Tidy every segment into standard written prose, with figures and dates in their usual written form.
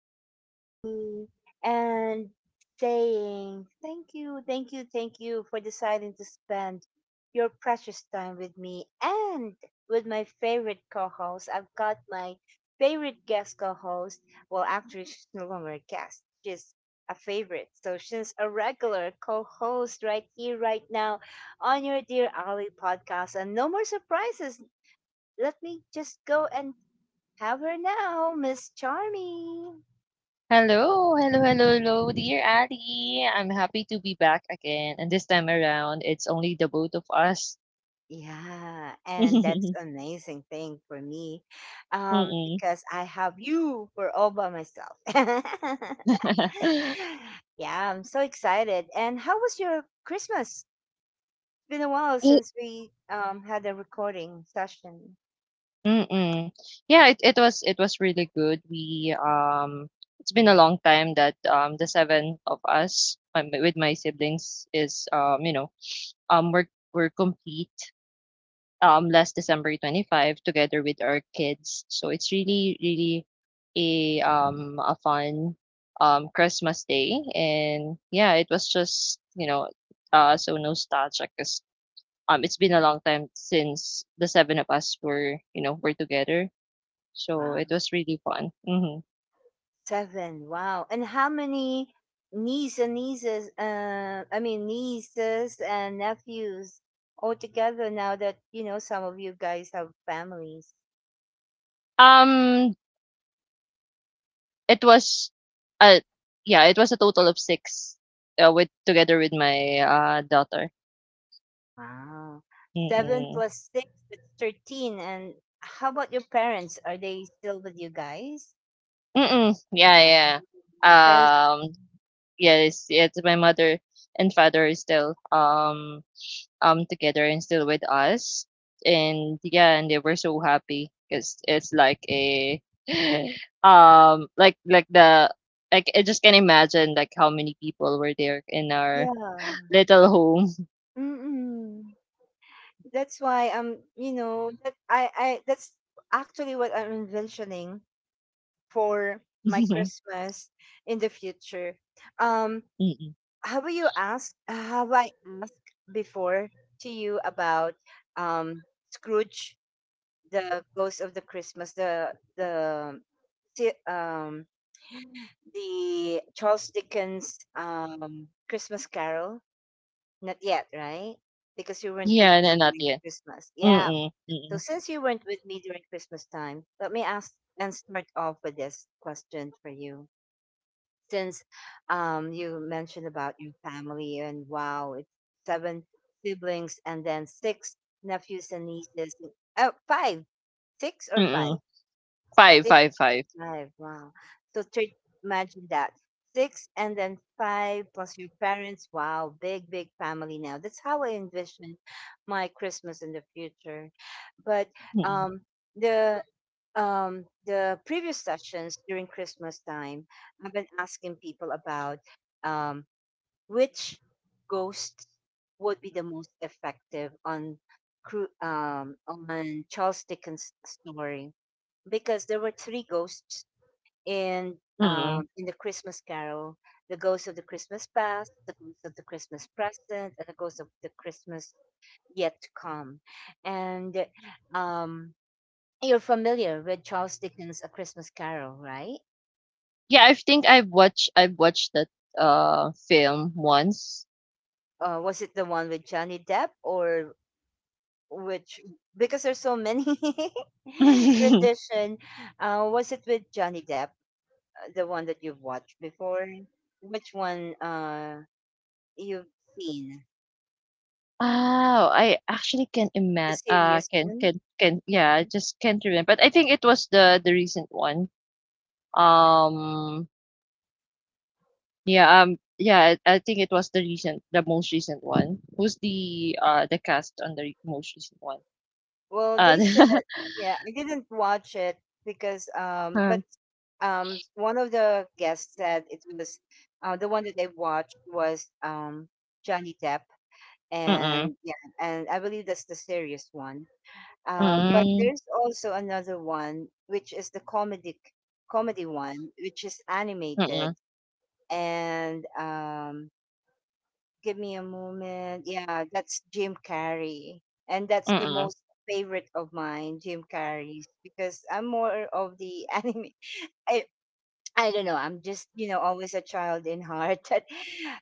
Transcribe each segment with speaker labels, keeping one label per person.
Speaker 1: dear Ali, and saying thank you, thank you, thank you for deciding to spend your precious time with me and with my favorite co-host. I've got my favorite guest co-host. Well, actually, she's no longer a guest. She's a favorite, so she's a regular co-host right here, right now, on your dear Ali podcast. And no more surprises, let me just go and have her now, Miss Charming.
Speaker 2: Hello, hello, hello, hello, dear Ali. I'm happy to be back again, and this time around, it's only the both of us.
Speaker 1: Yeah, and that's amazing thing for me,
Speaker 2: Mm-mm.
Speaker 1: because I have you for all by myself. Yeah, I'm so excited. And how was your Christmas? It's been a while
Speaker 2: Y-
Speaker 1: since we had a recording session.
Speaker 2: Mm-mm. Yeah, it was really good. We It's been a long time that the seven of us, with my siblings, is we're complete last December 25 together with our kids. So it's really really a fun Christmas day. And yeah, it was just, so nostalgic, 'cause it's been a long time since the seven of us were, were together. So it
Speaker 1: Wow.
Speaker 2: was really fun.
Speaker 1: Seven. Wow. And how many nieces and nieces, I mean, nieces and nephews altogether, now that, you know, some of you guys have families?
Speaker 2: Um it was uh yeah, it was a total of six, with together with my daughter.
Speaker 1: Wow. Seven
Speaker 2: Mm-mm.
Speaker 1: plus six is 13. And how about your parents? Are they still with you guys?
Speaker 2: Mm, yeah,
Speaker 1: Wow.
Speaker 2: yeah.
Speaker 1: Your parents?
Speaker 2: Um, yes, yes, my mother and father is still together and still with us. And yeah, and they were so happy, because it's like a like the like I just can imagine like how many people were there in our
Speaker 1: Yeah.
Speaker 2: little home.
Speaker 1: Mm-mm. That's why I'm, you know, that I, that's actually what I'm envisioning for my Christmas in the future. Um,
Speaker 2: Mm-mm.
Speaker 1: have you asked? Have I asked before to you about um, Scrooge, the Ghost of the Christmas, si- um, the Charles Dickens Christmas Carol? Not yet, right? Because you weren't with
Speaker 2: Yeah,
Speaker 1: me
Speaker 2: no, not
Speaker 1: during
Speaker 2: yet.
Speaker 1: Christmas. Yeah.
Speaker 2: Mm-mm,
Speaker 1: So
Speaker 2: mm-mm,
Speaker 1: since you weren't with me during Christmas time, let me ask and start off with this question for you. Since you mentioned about your family, and wow, it's seven siblings and then six nephews and nieces. Oh, five, six or five,
Speaker 2: mm-mm. Five,
Speaker 1: six,
Speaker 2: five, five.
Speaker 1: five. Wow. So thr- Imagine that, six and then five plus your parents. Wow, big big family now. That's how I envision my Christmas in the future. But
Speaker 2: Mm-mm,
Speaker 1: um, the the previous sessions during Christmas time, I've been asking people about um, which ghosts would be the most effective on on Charles Dickens' story, because there were three ghosts in
Speaker 2: mm-mm.
Speaker 1: in the Christmas Carol: the ghost of the Christmas past, the ghost of the Christmas present, and the ghost of the Christmas yet to come. And um, you're familiar with Charles Dickens' A Christmas Carol, right?
Speaker 2: Yeah, I think I've watched that, film once.
Speaker 1: Was it the one with Johnny Depp, or which? Because there's so many rendition. Was it with Johnny Depp, the one that you've watched before? Which one you've seen?
Speaker 2: Oh, I actually can't
Speaker 1: The
Speaker 2: imagine.
Speaker 1: serious one?
Speaker 2: Can Yeah, I
Speaker 1: Mm-hmm.
Speaker 2: just can't remember, but I think it was the recent one. Um, yeah, I think it was the most recent one. Who's the cast on the most recent one?
Speaker 1: Well,
Speaker 2: Uh,
Speaker 1: they said, yeah, I didn't watch it because,
Speaker 2: uh,
Speaker 1: but one of the guests said it was the one that they watched was Johnny Depp,
Speaker 2: mm-mm,
Speaker 1: and yeah, and I believe that's the serious one. But
Speaker 2: mm,
Speaker 1: there's also another one, which is the comedic comedy one, which is
Speaker 2: mm-mm,
Speaker 1: animated, and give me a moment. Yeah, that's Jim Carrey. And that's the
Speaker 2: mm-mm,
Speaker 1: most favorite of mine, Jim Carrey's, because I'm more of the anime. I, I don't know. I'm just, you know, always a child in heart. That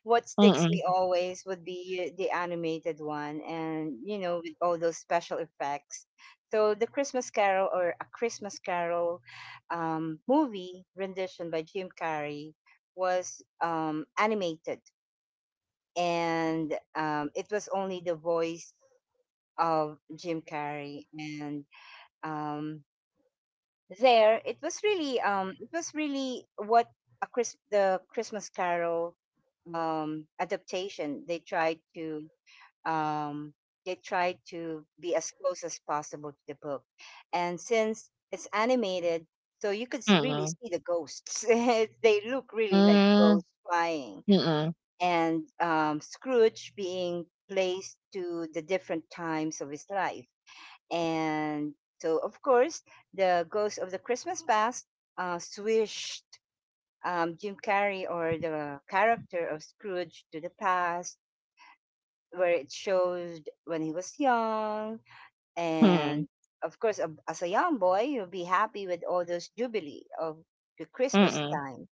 Speaker 1: what sticks
Speaker 2: mm-mm,
Speaker 1: me always would be the animated one, and, you know, with all those special effects. So the Christmas Carol, or a Christmas Carol movie rendition by Jim Carrey was animated, and it was only the voice of Jim Carrey. And um, there, it was really what the Christmas Carol adaptation. Um, they tried to be as close as possible to the book, and since it's animated. So you could really
Speaker 2: mm-mm,
Speaker 1: see the ghosts. They look really like
Speaker 2: mm,
Speaker 1: ghosts flying,
Speaker 2: mm-mm,
Speaker 1: and Scrooge being placed to the different times of his life. And so, of course, the Ghost of the Christmas Past swished Jim Carrey, or the character of Scrooge, to the past, where it showed when he was young.
Speaker 2: mm,
Speaker 1: And of course, as a young boy, you'll be happy with all those jubilee of the Christmas
Speaker 2: mm-mm,
Speaker 1: time.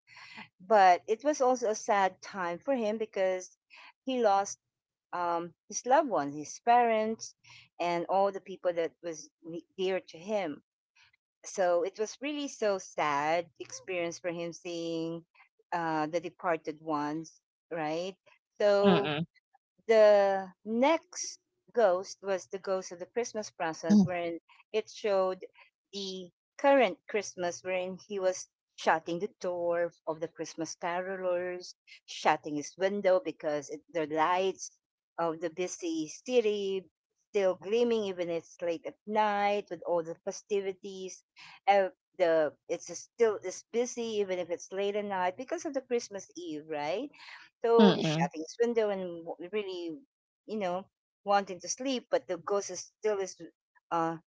Speaker 1: But it was also a sad time for him because he lost his loved ones, his parents, and all the people that was dear to him. So it was really so sad experience for him, seeing the departed ones, right? So
Speaker 2: mm-mm.
Speaker 1: the next ghost was the ghost of the Christmas present, wherein it showed the current Christmas, wherein he was shutting the door of the Christmas carolers, shutting his window because it, the lights of the busy city still gleaming even it's late at night with all the festivities. Uh, the It's still it's busy even if it's late at night because of the Christmas Eve, right? So he's
Speaker 2: Mm-mm.
Speaker 1: shutting his window and really, you know, wanting to sleep, but the ghost is still is uh,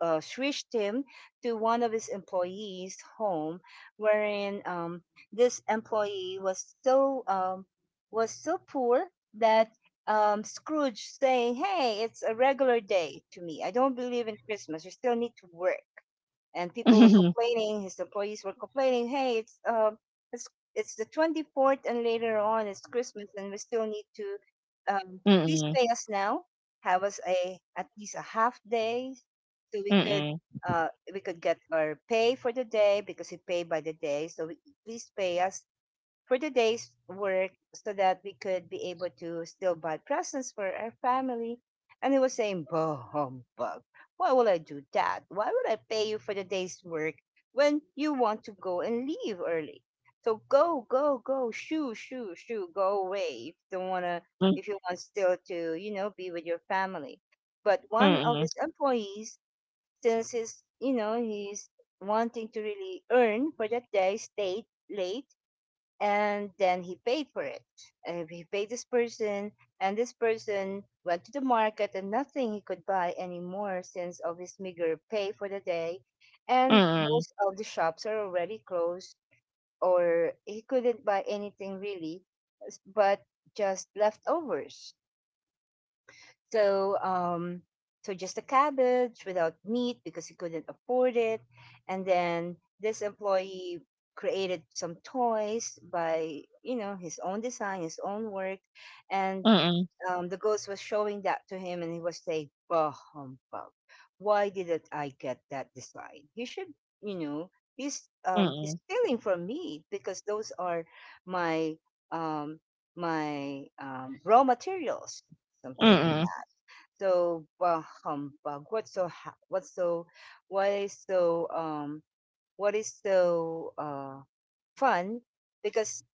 Speaker 1: shrieked him to one of his employees' home, wherein this employee was was so poor that Scrooge saying, "Hey, it's a regular day to me. I don't believe in Christmas. You still need to work." And people were complaining. His employees were complaining, "Hey, it's it's it's the 24th, and later on it's Christmas, and we still need to um, please
Speaker 2: Mm-mm.
Speaker 1: pay us now. Have us a at least a half day, so
Speaker 2: Mm-mm.
Speaker 1: we could get our pay for the day because we pay by the day. So we, please pay us for the day's work so that we could be able to still buy presents for our family." And he was saying, "Bah, humbug. Why will I do that? Why would I pay you for the day's work when you want to go and leave early? So go, go, go, shoo, shoo, shoo, go away if you don't wanna if you want still to, you know, be with your family." But
Speaker 2: Mm-mm.
Speaker 1: one of
Speaker 2: Mm-mm.
Speaker 1: his employees, since he's you know, he's wanting to really earn for that day, stayed late, and then he paid for it. And he paid this person, and this person went to the market, and nothing he could buy anymore since of his meager pay for the day, and
Speaker 2: Mm-mm.
Speaker 1: most of the shops are already closed, or he couldn't buy anything really, but just leftovers. So um, so just a cabbage without meat because he couldn't afford it. And then this employee created some toys by you know his own design, his own work, and
Speaker 2: Mm-mm.
Speaker 1: the ghost was showing that to him, and he was saying, "Bah humbug! Why didn't I get that design? He should, you know." He's stealing from me, because those are my um raw materials, something like
Speaker 2: Mm-mm.
Speaker 1: so bah, humbug. What's so ha- what's so what is so what is so fun because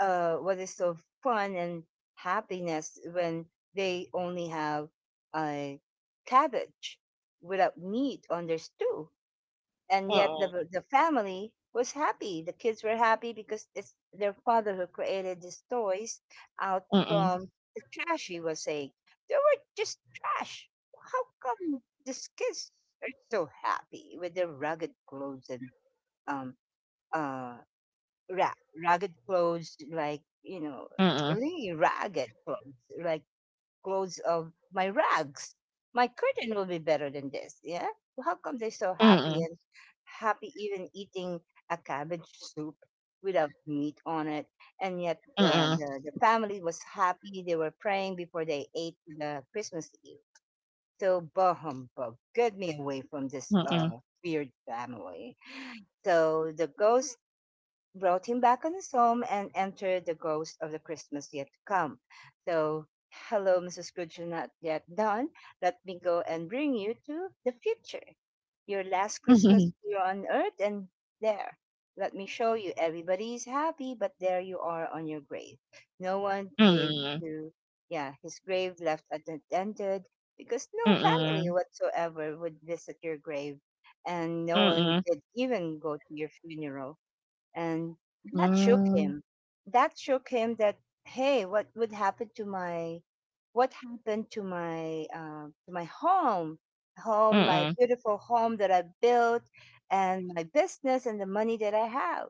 Speaker 1: What is so fun and happiness when they only have a cabbage without meat on their stew, and yet
Speaker 2: Mm-mm.
Speaker 1: the family was happy. The kids were happy because it's their father who created these toys out
Speaker 2: Mm-mm.
Speaker 1: from the trash. He was saying they were just trash. How come these kids are so happy with their rugged clothes and um uh ra- rugged clothes like you know
Speaker 2: Mm-mm. Mm-mm. Mm-mm.
Speaker 1: really ragged clothes like clothes of my rags. My curtain will be better than this. Yeah. Well, how come they're so happy, and happy even eating a cabbage soup without meat on it? And yet the family was happy. They were praying before they ate the Christmas Eve. So, bah humbug, get me away from this weird family. So the ghost brought him back on his home, and entered the ghost of the Christmas yet to come. So, hello, Mrs. Scrooge, you're not yet done. Let me go and bring you to the future. Your last Christmas here on earth, and there. Let me show you. Everybody is happy, but there you are on your grave. No one came to, yeah, his grave left unattended because no family
Speaker 2: Mm-mm.
Speaker 1: whatsoever would visit your grave, and no one
Speaker 2: Mm-mm.
Speaker 1: did even go to your funeral. And that shook
Speaker 2: Mm-mm.
Speaker 1: him, that shook him, that, hey, what would happen to my, what happened to my home, my beautiful home that I built, and my business and the money that I have?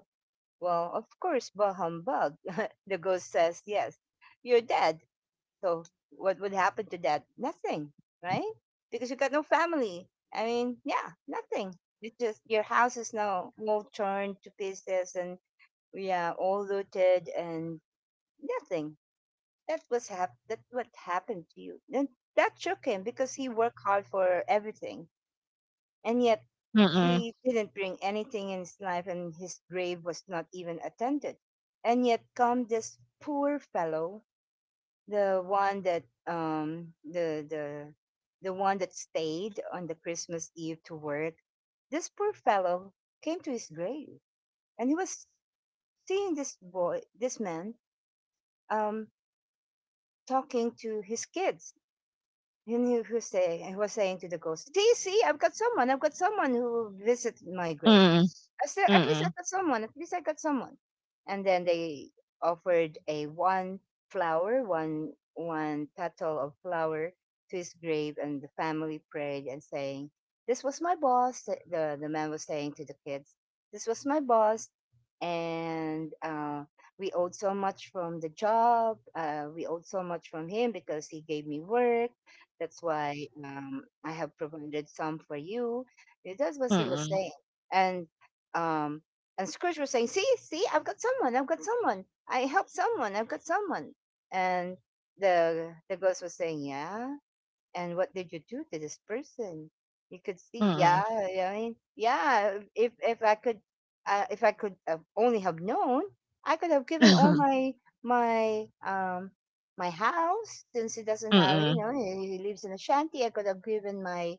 Speaker 1: Well, of course, bah humbug, the ghost says, yes, you're dead, so what would happen to that? Nothing, right? Because you got no family, I mean, yeah, nothing. You just your house is now all turned to pieces, and yeah, all looted, and nothing. That what happened to you. And that shook him because he worked hard for everything. And yet
Speaker 2: Mm-mm.
Speaker 1: he didn't bring anything in his life, and his grave was not even attended. And yet come this poor fellow, the one that the one that stayed on the Christmas Eve to work, this poor fellow came to his grave, and he was seeing this man um, talking to his kids. And he was saying to the ghost, "Do you see? I've got someone. "I've got someone who will visit my grave." I still at least I got someone. At least I got someone. And then they offered a one flower, one petal of flower to his grave, and the family prayed and saying, "This was my boss." The man was saying to the kids, "This was my boss, and we owed so much from the job. We owed so much from him because he gave me work. That's why I have provided some for you." That's what he was
Speaker 2: Mm-mm.
Speaker 1: saying and um, and Scrooge was saying, "See, see, I've got someone. I've got someone. I helped someone. I've got someone." And the ghost was saying, "Yeah, and what did you do to this person you could see, yeah,
Speaker 2: Mm-mm.
Speaker 1: yeah, if I could if I could have only have known, I could
Speaker 2: Mm. Mm-mm. Mm-mm. Mm.
Speaker 1: have given
Speaker 2: Mm-mm.
Speaker 1: all
Speaker 2: Mm-mm. Mm.
Speaker 1: my my um house, since he doesn't have, he lives in a shanty. I could have given my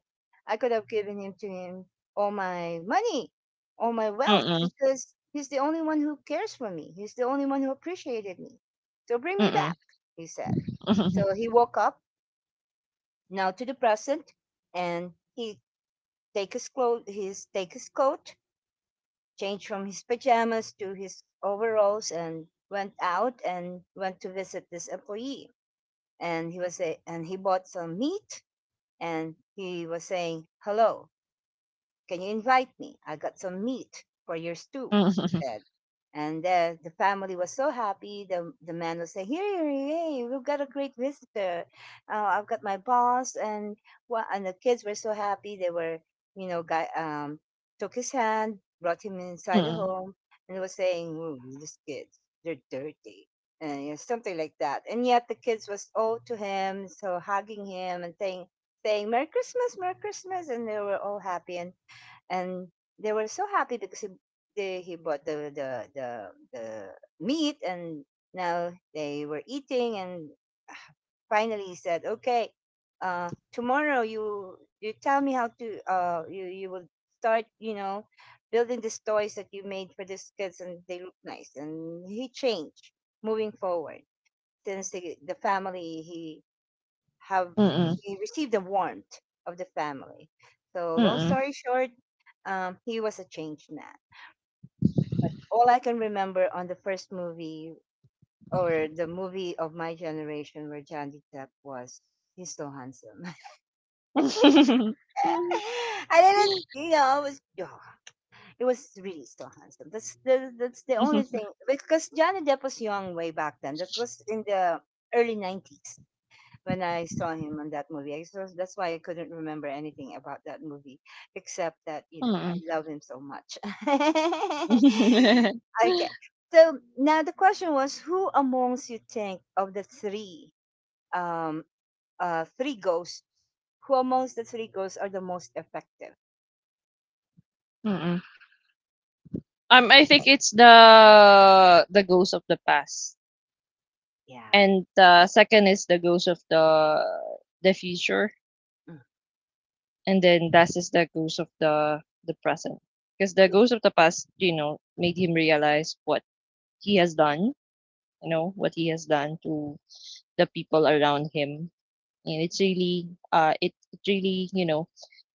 Speaker 1: I could have given him to him all my money, all my wealth,
Speaker 2: Mm-mm. Mm-mm. Mm-mm.
Speaker 1: because he's the only one who cares for me, he's the only one who appreciated me. So bring me back," he said. So he woke up now to the present, and he take his coat, changed from his pajamas to his overalls, and went out and went to visit this employee. And he bought some meat, and he was saying, "Hello, can you invite me? I got some meat for your stew," he said. And The family was so happy. The man was saying, "Here, hey, we've got a great visitor. I've got my boss." And and the kids were so happy. They were, guy took his hand, brought him inside the home, and they were saying, "Ooh, these kids, they're dirty." And, you know, something like that. And yet the kids was all to him, so hugging him and saying, saying, "Merry Christmas, Merry Christmas," and they were all happy. And they were so happy because he bought the meat, and now they were eating. And finally he said, "Okay, tomorrow you tell me how to, you you will start, you know, building these toys that you made for these kids, and they look nice." And he changed, moving forward, since the family, have he received the warmth of the family. So long story short, he was a changed man. All I can remember on the first movie or the movie of my generation where Johnny Depp was, he's so handsome. I didn't, you know, I was, oh, it was really so handsome. That's that's the only thing, because Johnny Depp was young way back then. That was in the early nineties when I saw him on that movie. So that's why I couldn't remember anything about that movie, except that, you
Speaker 2: Mm-mm. Mm-mm.
Speaker 1: know,
Speaker 2: Mm-mm. Mm-mm.
Speaker 1: I
Speaker 2: Mm-mm.
Speaker 1: love him so much.
Speaker 2: Mm-mm.
Speaker 1: Okay, so now the question was, who amongst you think of the three, um, three ghosts? Who amongst the three ghosts are the most effective?
Speaker 2: Mm-mm. I think it's the ghost of the past,
Speaker 1: Yeah.
Speaker 2: and the second is the ghost of the future,
Speaker 1: Mm.
Speaker 2: and then that is the ghost of the present. Because the ghost of the past, made him realize what he has done, what he has done to the people around him. And it's really, it really,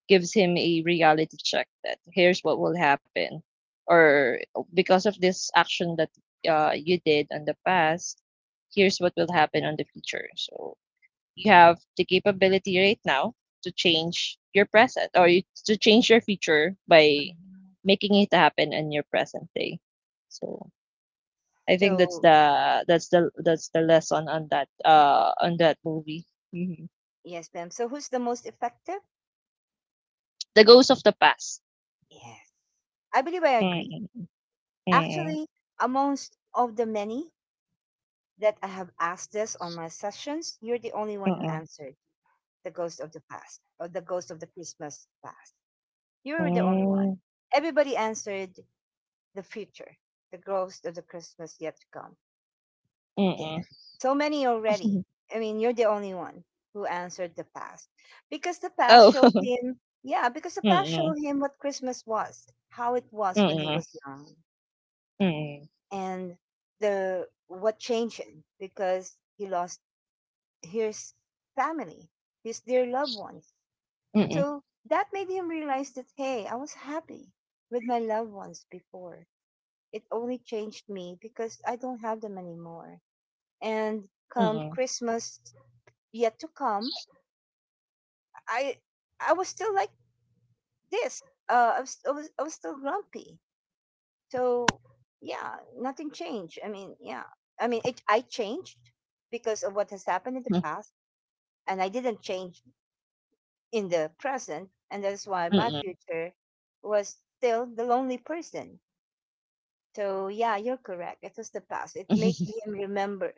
Speaker 2: gives him a reality check that here's what will happen,
Speaker 1: Mhm,
Speaker 2: or because of this action that you did on the past. Here's what will happen on the future, so you have the capability right now to change your present, to change your future by
Speaker 1: mhm.
Speaker 2: making it happen in your present day. So I think that's
Speaker 1: So,
Speaker 2: the that's the that's the lesson on that, on that movie. Mhm.
Speaker 1: yes, ma'am. So, who's the most effective?
Speaker 2: The ghost of the past.
Speaker 1: Yes, I believe, I agree.
Speaker 2: Mm, mm, mm,
Speaker 1: Actually, amongst of the many that I have asked this on my sessions, you're the only one who
Speaker 2: mm.
Speaker 1: answered the ghost of the past or the ghost of the Christmas past.
Speaker 2: Hmm,
Speaker 1: You're the only one.
Speaker 2: mm.
Speaker 1: Everybody answered the future, the ghost of the Christmas yet to come. Yeah.
Speaker 2: Mm-mm.
Speaker 1: So many already. I mean, you're the only one who answered the past. Because the past
Speaker 2: Oh,
Speaker 1: showed him, yeah, because the
Speaker 2: mm,
Speaker 1: past showed
Speaker 2: mm,
Speaker 1: him what Christmas was, how it was when he
Speaker 2: mm,
Speaker 1: was young,
Speaker 2: mm,
Speaker 1: and the what changed him, because he lost his family, his dear loved ones.
Speaker 2: mm,
Speaker 1: So that made him realize that, "Hey, I was happy with my loved ones before. It only changed me because I don't have them anymore. And come
Speaker 2: mm,
Speaker 1: Christmas yet to come, i I was still like this, I was still grumpy. So yeah, nothing changed. I changed because of what has happened in the
Speaker 2: mm,
Speaker 1: past, and I didn't change in the present, and that's why my future was still the lonely person." So yeah, you're correct, it was the past. It made him remember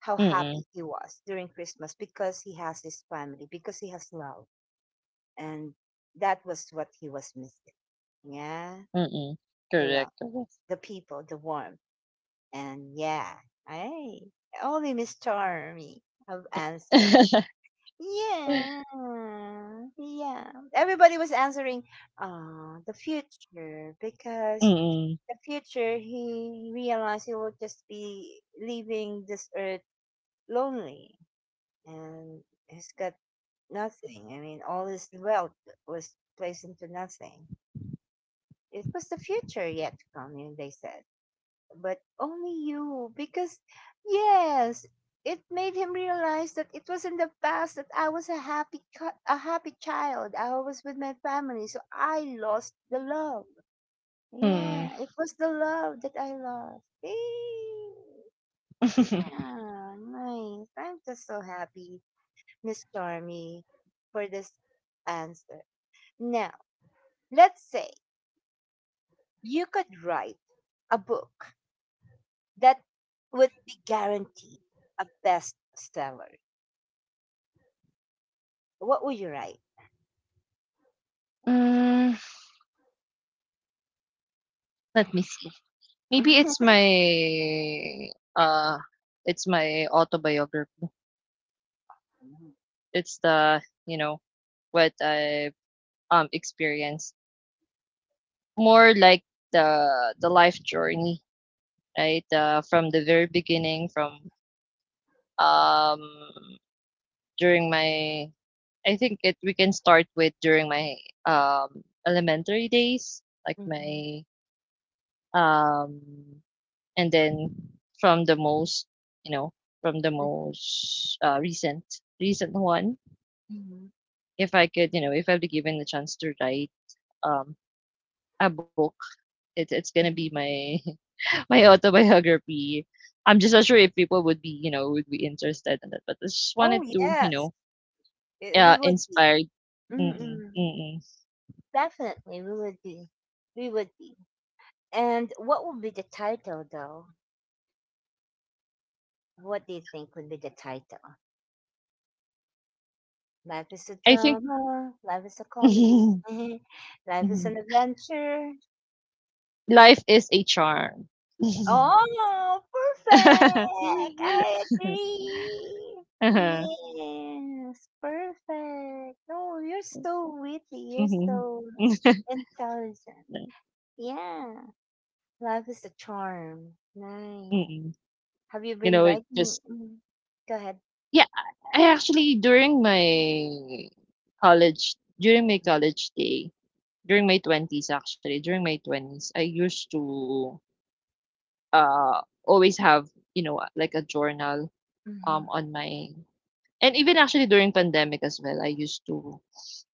Speaker 1: how happy
Speaker 2: mm,
Speaker 1: he was during Christmas, because he has his family, because he has love. And that was what he was missing. Yeah,
Speaker 2: mm.
Speaker 1: the love,
Speaker 2: Correct, correct.
Speaker 1: the people, the warmth. And yeah, I, only Miss Charmy have answered. Yeah, yeah. Everybody was answering, the future, because
Speaker 2: Mm,
Speaker 1: the future he realized he would just be leaving this earth lonely, and he's got nothing. I mean, all his wealth was placed into nothing. It was the future yet to come, and they said. But only you, because, yes, it made him realize that it was in the past that I was a happy, a happy child. I was with my family, so I lost the love.
Speaker 2: mm.
Speaker 1: Yeah, it was the love that I lost. Eh, yeah, nice. I'm just so happy, Miss Charmy, for this answer. Now, let's say you could write a book that would be guaranteed a bestseller. What would you write?
Speaker 2: Mm, let me see. Maybe it's uh my autobiography. It's the, you know, what I experienced. More like the life journey, right? From the very beginning, from um during my... I think it we can start with during my elementary days, like
Speaker 1: Mhm.
Speaker 2: my um and then from the most, you know, from the
Speaker 1: Mhm,
Speaker 2: most, recent one,
Speaker 1: mhm, mhm,
Speaker 2: if I could, if I'd be given the chance to write um a book, it's gonna
Speaker 1: mhm.
Speaker 2: be my my autobiography. I'm just not sure if people would be, would be interested in that, but I just
Speaker 1: Oh
Speaker 2: wanted to, you
Speaker 1: yes,
Speaker 2: know, Yeah,
Speaker 1: we would be.
Speaker 2: inspired. Mm,
Speaker 1: Mm-mm.
Speaker 2: mm.
Speaker 1: Definitely, we would be. We would be. And what would be the title, though? What do you think would be the title? Life is a
Speaker 2: I think
Speaker 1: drama. Life is a comedy.
Speaker 2: mhm,
Speaker 1: Life is an adventure.
Speaker 2: life is a charm. Mhm.
Speaker 1: Oh, perfect! I agree.
Speaker 2: Uh-huh.
Speaker 1: Yes, perfect. Oh, you're so witty. You're
Speaker 2: Mhm.
Speaker 1: so intelligent. Yeah, life is a charm. Nice.
Speaker 2: Mm-mm.
Speaker 1: Have you
Speaker 2: You
Speaker 1: been
Speaker 2: know, it
Speaker 1: writing?
Speaker 2: just...
Speaker 1: Mm. Go ahead.
Speaker 2: yeah. I actually during my college, during my
Speaker 1: Mhm.
Speaker 2: college day, during my twenties, I used to always have, like a journal
Speaker 1: Mhm.
Speaker 2: on my and even actually during pandemic as well, I used to,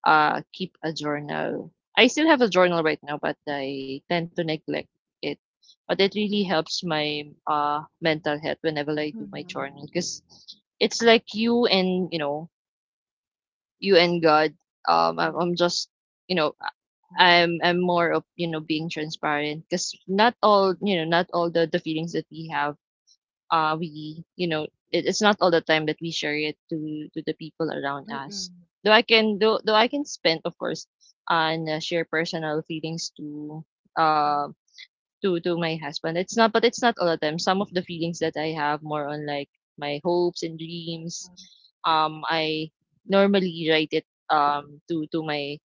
Speaker 2: keep a journal. I still have a journal right now, but I tend to neglect it. But it really helps my, mental health, whenever I do my
Speaker 1: Mhm.
Speaker 2: journal, because it's like you and, you and God. I'm
Speaker 1: Mhm,
Speaker 2: just, you know
Speaker 1: mhm,
Speaker 2: I'm more of, being transparent, because not all,
Speaker 1: mm,
Speaker 2: not all the feelings that we have, we, it's not all the time that we share it to the people around
Speaker 1: mm,
Speaker 2: us. Though I can, though, I can spend, of course, on, share personal feelings
Speaker 1: mhm,
Speaker 2: um to my husband. It's not, but it's not all the time. Some of the feelings that I have, more on like my hopes and dreams. I normally write it to my,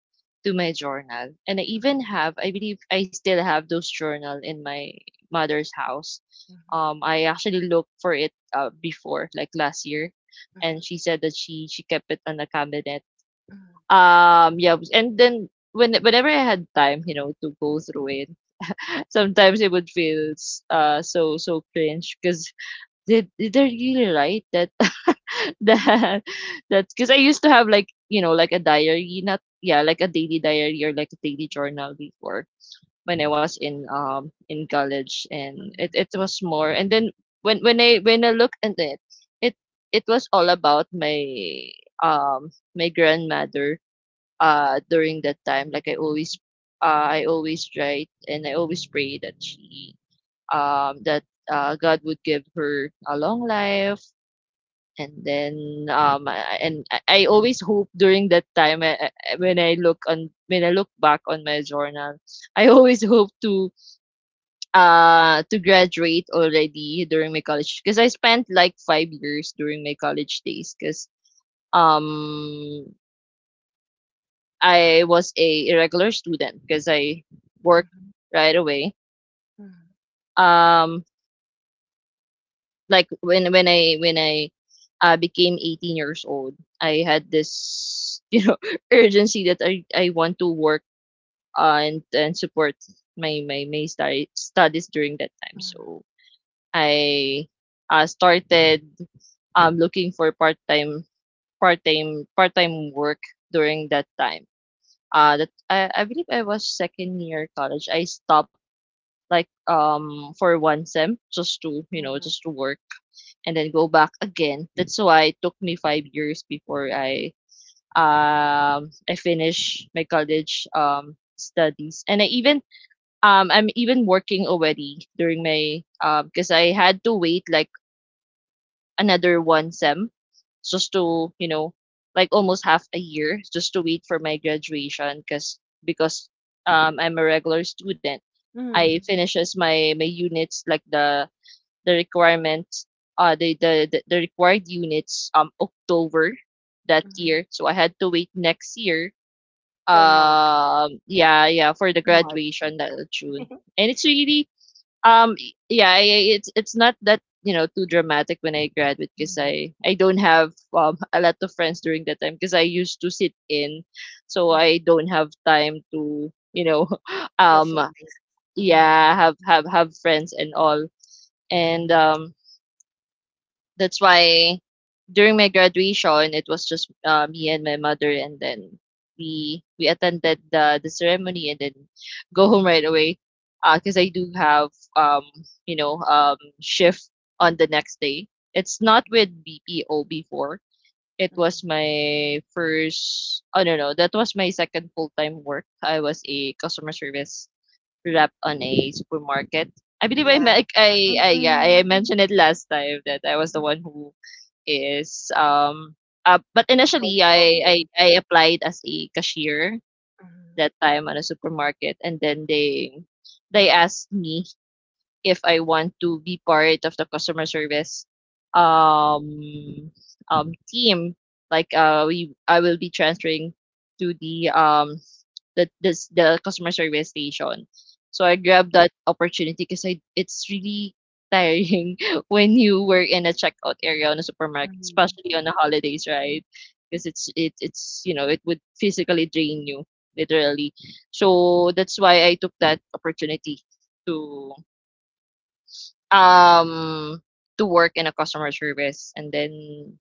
Speaker 2: journal, and I
Speaker 1: mm,
Speaker 2: even have, I believe, I still have those journal in my mother's house.
Speaker 1: mhm,
Speaker 2: I actually looked for it, before, like last year,
Speaker 1: mhm,
Speaker 2: and she said that she kept it on the cabinet. Yeah, and then whenever I had time, to go through it, sometimes it would feel, so so cringe, because did they, they're really write that,
Speaker 1: mhm, mhm,
Speaker 2: that that, because I used to have, like, like a diary, not, like a daily diary or like a daily journal, before when I was in, in college.
Speaker 1: mhm,
Speaker 2: And it,
Speaker 1: mhm,
Speaker 2: it was more, and then when I look at it, it it was all about my my grandmother, during that time. Like I always, I always write, and I always pray that she that God would give her a long life. And then, I- and I always hope during that time, when I look on, when I look back on my journal, I always hope to, to graduate already during my college, because I spent like 5 years during my college days, because um I was a irregular student because I worked
Speaker 1: mhm,
Speaker 2: right away. Um, like when I became 18 years old, I had this urgency that I want to work, and support my study, studies during that time. So I, started looking for part time, part time work during that time. Uh, that I believe I was second year college. I stopped like, for one sem, just to,
Speaker 1: mhm, mhm,
Speaker 2: just to work, and then go back again. That's why it took me 5 years before I, I finished my college, studies. And I even, I'm even working already during my, because I had to wait like another one sem, just to, you know, like almost half a year, just to wait for my graduation, because, I'm a regular student. I
Speaker 1: mhm,
Speaker 2: finishes my my units, like the, requirements, the, the required units, October that
Speaker 1: mhm.
Speaker 2: year. So I had to wait next year.
Speaker 1: For Mark.
Speaker 2: Yeah, yeah, for the
Speaker 1: For Mark.
Speaker 2: graduation that June. And it's really, yeah, it's not that, you know, too dramatic when I graduate, because
Speaker 1: Mhm,
Speaker 2: I don't have a lot of friends during that time, because I used to sit in, so
Speaker 1: mhm.
Speaker 2: I don't have time to, you know,
Speaker 1: Social
Speaker 2: um
Speaker 1: base. Yeah.
Speaker 2: yeah have friends and all. And that's why during my graduation, it was just, me and my mother, and then we attended the ceremony, and then go home right away, because I do have um shift on the next day. It's not
Speaker 1: Mhm,
Speaker 2: with BPO before. It
Speaker 1: mhm.
Speaker 2: was my first, oh no no, that was my second full-time work. I was a customer service rep on a supermarket. I believe
Speaker 1: Yeah. Mm,
Speaker 2: I yeah, I
Speaker 1: mm,
Speaker 2: mentioned it last time that I was the
Speaker 1: mm,
Speaker 2: one who is, but
Speaker 1: voice
Speaker 2: initially
Speaker 1: over.
Speaker 2: I applied as a cashier
Speaker 1: Mhm,
Speaker 2: that time on a supermarket, and then they asked me if I want to be part of the customer service,
Speaker 1: mhm,
Speaker 2: um, team. Like, I will be transferring to the, the, this the customer service station. So I
Speaker 1: mhm,
Speaker 2: grabbed that opportunity, because I, it's really tiring when you work in a checkout area on a supermarket,
Speaker 1: mhm,
Speaker 2: especially on the holidays, right? Because it's, it, it's, you know, it would physically drain you literally. So that's why I took that opportunity to um to work in a customer service, and then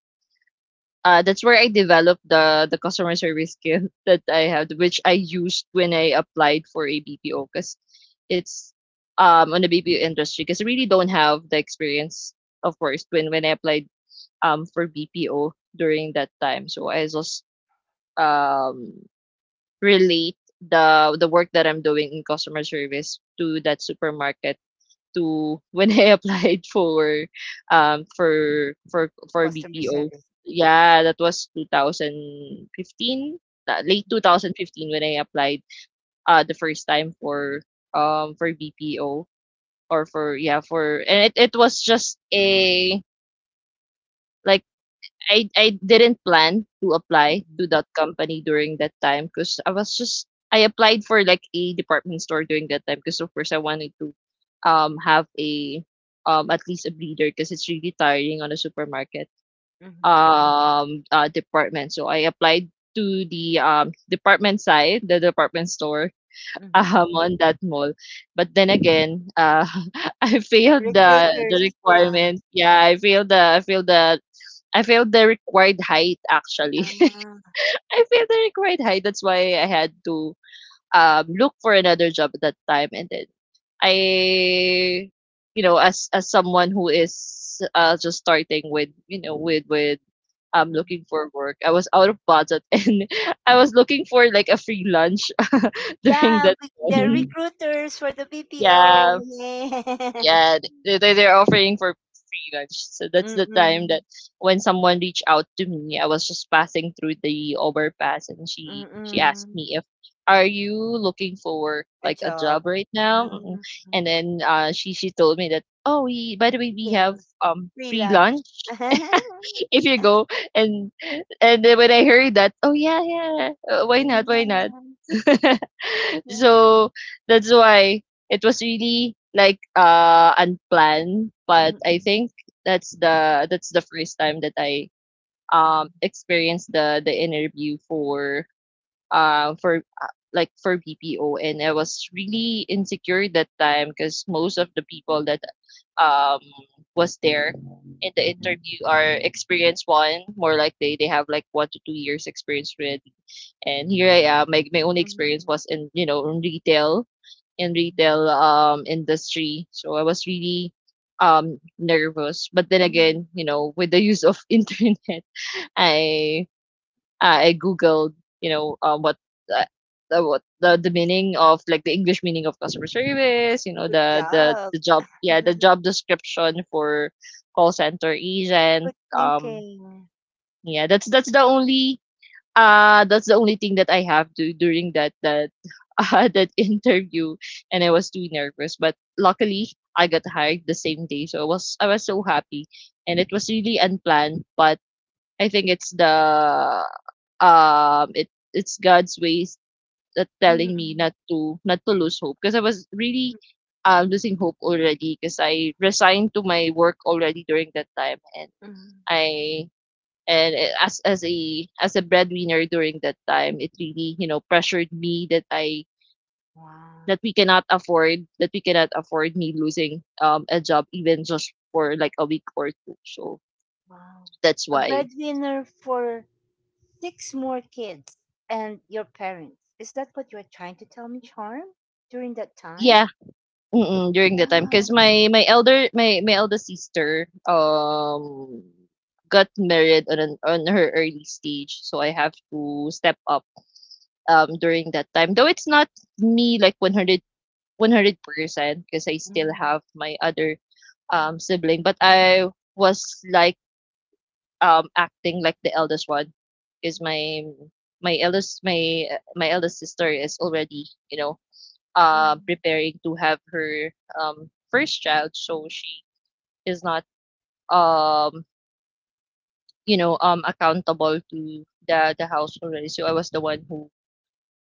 Speaker 2: that's where I developed the customer service skill that I have, which I used when I applied for a BPO. Because it's on the BPO industry, because I really don't have the experience, of course, when I applied for BPO during that time. So I just um relate the work that I'm doing in customer service to that supermarket, to when I applied for
Speaker 1: customer
Speaker 2: BPO.
Speaker 1: service.
Speaker 2: Yeah, that was 2015, late 2015 when I applied the first time for BPO. Or for, yeah, for, and it was just a, like, I didn't plan to apply
Speaker 1: Mhm,
Speaker 2: to that company during that time, because I was just, I applied for like a department store during that time, because of course I wanted to have a, at least a bleeder, because it's really tiring on a supermarket
Speaker 1: mhm,
Speaker 2: department. So I applied to the department side, the department store
Speaker 1: mhm,
Speaker 2: on that mall. But then again, I failed the
Speaker 1: recruiters. Ah.
Speaker 2: requirement. Yeah, I failed the, I failed the, I failed the required height, actually. I failed the required height. That's why I had to, look for another job at that time. And then I, as someone who is, just starting with, you know, with looking
Speaker 1: Ah.
Speaker 2: for work, I was out of budget and I was looking for like a free lunch during
Speaker 1: Yeah,
Speaker 2: that
Speaker 1: we- the
Speaker 2: time.
Speaker 1: recruiters for the
Speaker 2: Yeah.
Speaker 1: BPO. Yeah.
Speaker 2: Yeah, they're offering for free lunch. So that's the time that
Speaker 1: Mm-mm.
Speaker 2: when someone reached out to me. I was just passing through the overpass, and she asked
Speaker 1: Mm-mm.
Speaker 2: me, if are you looking for
Speaker 1: A
Speaker 2: like a job
Speaker 1: job.
Speaker 2: right now?
Speaker 1: Uh,
Speaker 2: And
Speaker 1: mm,
Speaker 2: then she told me that, oh, we, by the way, we
Speaker 1: Yeah,
Speaker 2: have free
Speaker 1: freelance.
Speaker 2: lunch
Speaker 1: Yeah,
Speaker 2: if you go. and and then when I heard that, oh yeah, yeah, why not, why not.
Speaker 1: yeah.
Speaker 2: So that's why it was really like unplanned, but I
Speaker 1: Mm-mm,
Speaker 2: think that's the, that's the first time that I
Speaker 1: mm,
Speaker 2: experienced the interview for like for BPO. And I was really insecure that time, because most of the people that um was there in the
Speaker 1: mhm,
Speaker 2: interview are experienced one, more like they have like 1 to 2 years experience already, and here I am. My only experience
Speaker 1: mhm,
Speaker 2: was in, you know, in retail, in
Speaker 1: mhm,
Speaker 2: retail industry, so I was really nervous. But then again,
Speaker 1: mhm,
Speaker 2: you know, with the use of internet, i I googled, you know, what, uh, the what the meaning of, like, the English meaning of customer service. You know,
Speaker 1: good
Speaker 2: the the
Speaker 1: job.
Speaker 2: the job, yeah, the job description for call center
Speaker 1: Good
Speaker 2: agent.
Speaker 1: thinking.
Speaker 2: Yeah, that's the only, that's the only thing that I have to during that, that that interview, and I was too nervous. But luckily, I got hired the same day, so I was, I was so happy, and it was really unplanned. But I think it's the, it, it's God's ways that telling me
Speaker 1: Mhm,
Speaker 2: not to, not to lose hope, because I was really, losing hope already, because I resigned to my work already during that time. And
Speaker 1: mhm.
Speaker 2: I as a, as a breadwinner during that time, it really, you know, pressured me that I,
Speaker 1: Wow.
Speaker 2: that we cannot afford, that we cannot afford me losing a job, even just for like a week or two. So
Speaker 1: Wow.
Speaker 2: that's
Speaker 1: A
Speaker 2: why,
Speaker 1: breadwinner for six more kids and your parents. Is that what you are trying to tell me, Charm? During that time?
Speaker 2: yeah. Mm, during the time, because
Speaker 1: Wow.
Speaker 2: my elder, my eldest sister, got married on an, on her early stage, so I have to step up, during that time. Though it's not me like one hundred, one hundred percent, because I still
Speaker 1: Mm-hmm.
Speaker 2: have my other, sibling. But I was like, acting like the eldest one, because my eldest, my, my eldest sister is already, you know,
Speaker 1: Mm-hmm.
Speaker 2: preparing to have her first child, so she is not, um, accountable to the house already. So I was the one who,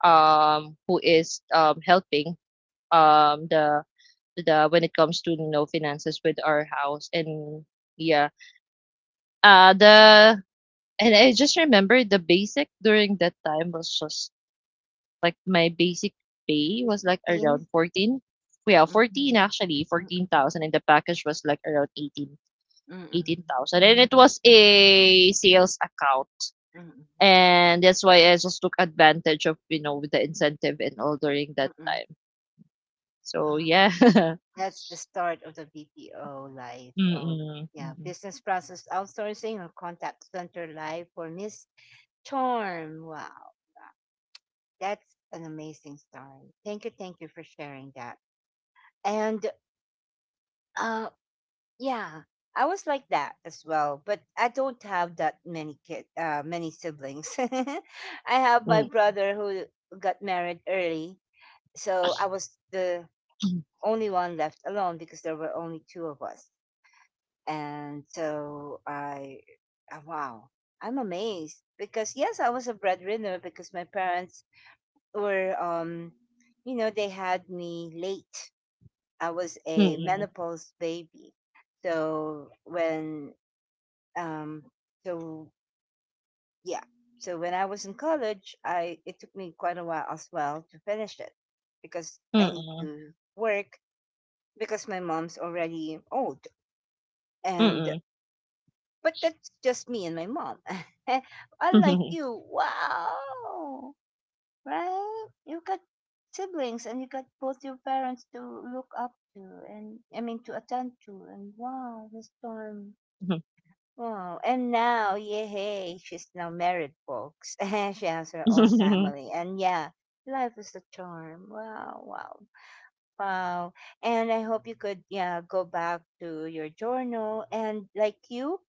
Speaker 2: who is, helping, um, the the when it comes to, you know, finances with our house. And yeah, the and I just remember, the basic during that time was just like, my basic pay was like around
Speaker 1: 15?
Speaker 2: 14, yeah, 14,
Speaker 1: Mm-mm.
Speaker 2: actually
Speaker 1: Mm-mm.
Speaker 2: 14,000, and the package was like around 18, eighteen
Speaker 1: Mm-mm.
Speaker 2: thousand. And it was a sales account,
Speaker 1: Mm-mm.
Speaker 2: and that's why I just took advantage of, you know, with the incentive and all during that
Speaker 1: Mm-mm.
Speaker 2: time. So
Speaker 1: Wow.
Speaker 2: yeah.
Speaker 1: That's the start of the BPO life. Oh,
Speaker 2: Mm-mm,
Speaker 1: yeah.
Speaker 2: mm-mm,
Speaker 1: Business process outsourcing or contact center life for Miss Charm. Wow. That's an amazing story. Thank you. Thank you for sharing that. And uh, yeah, I was like that as well, but I don't have that many many siblings. I have my brother who got married early, so I was the only one left alone because there were only two of us. And so I, wow, I'm amazed, because yes, I was a breadwinner because my parents were, you know, they had me late. I was a
Speaker 2: mm,
Speaker 1: menopause baby. So when Um, so yeah. So when I was in college, I it took me quite a while as well to finish it because I need
Speaker 2: mm,
Speaker 1: to work because my mom's already old. And
Speaker 2: mm-mm,
Speaker 1: But that's just me and my mom.
Speaker 2: mm-mm,
Speaker 1: Unlike
Speaker 2: mm-mm,
Speaker 1: you, wow, right? You got siblings and you got both your parents to look up to, and I mean to attend to. And wow, this time, wow. And now, yay, she's now married, folks. And she has her own
Speaker 2: mm-mm,
Speaker 1: family. And yeah, life is a charm. Wow, wow, wow. And I hope you could, yeah, go back to your journal. And like you,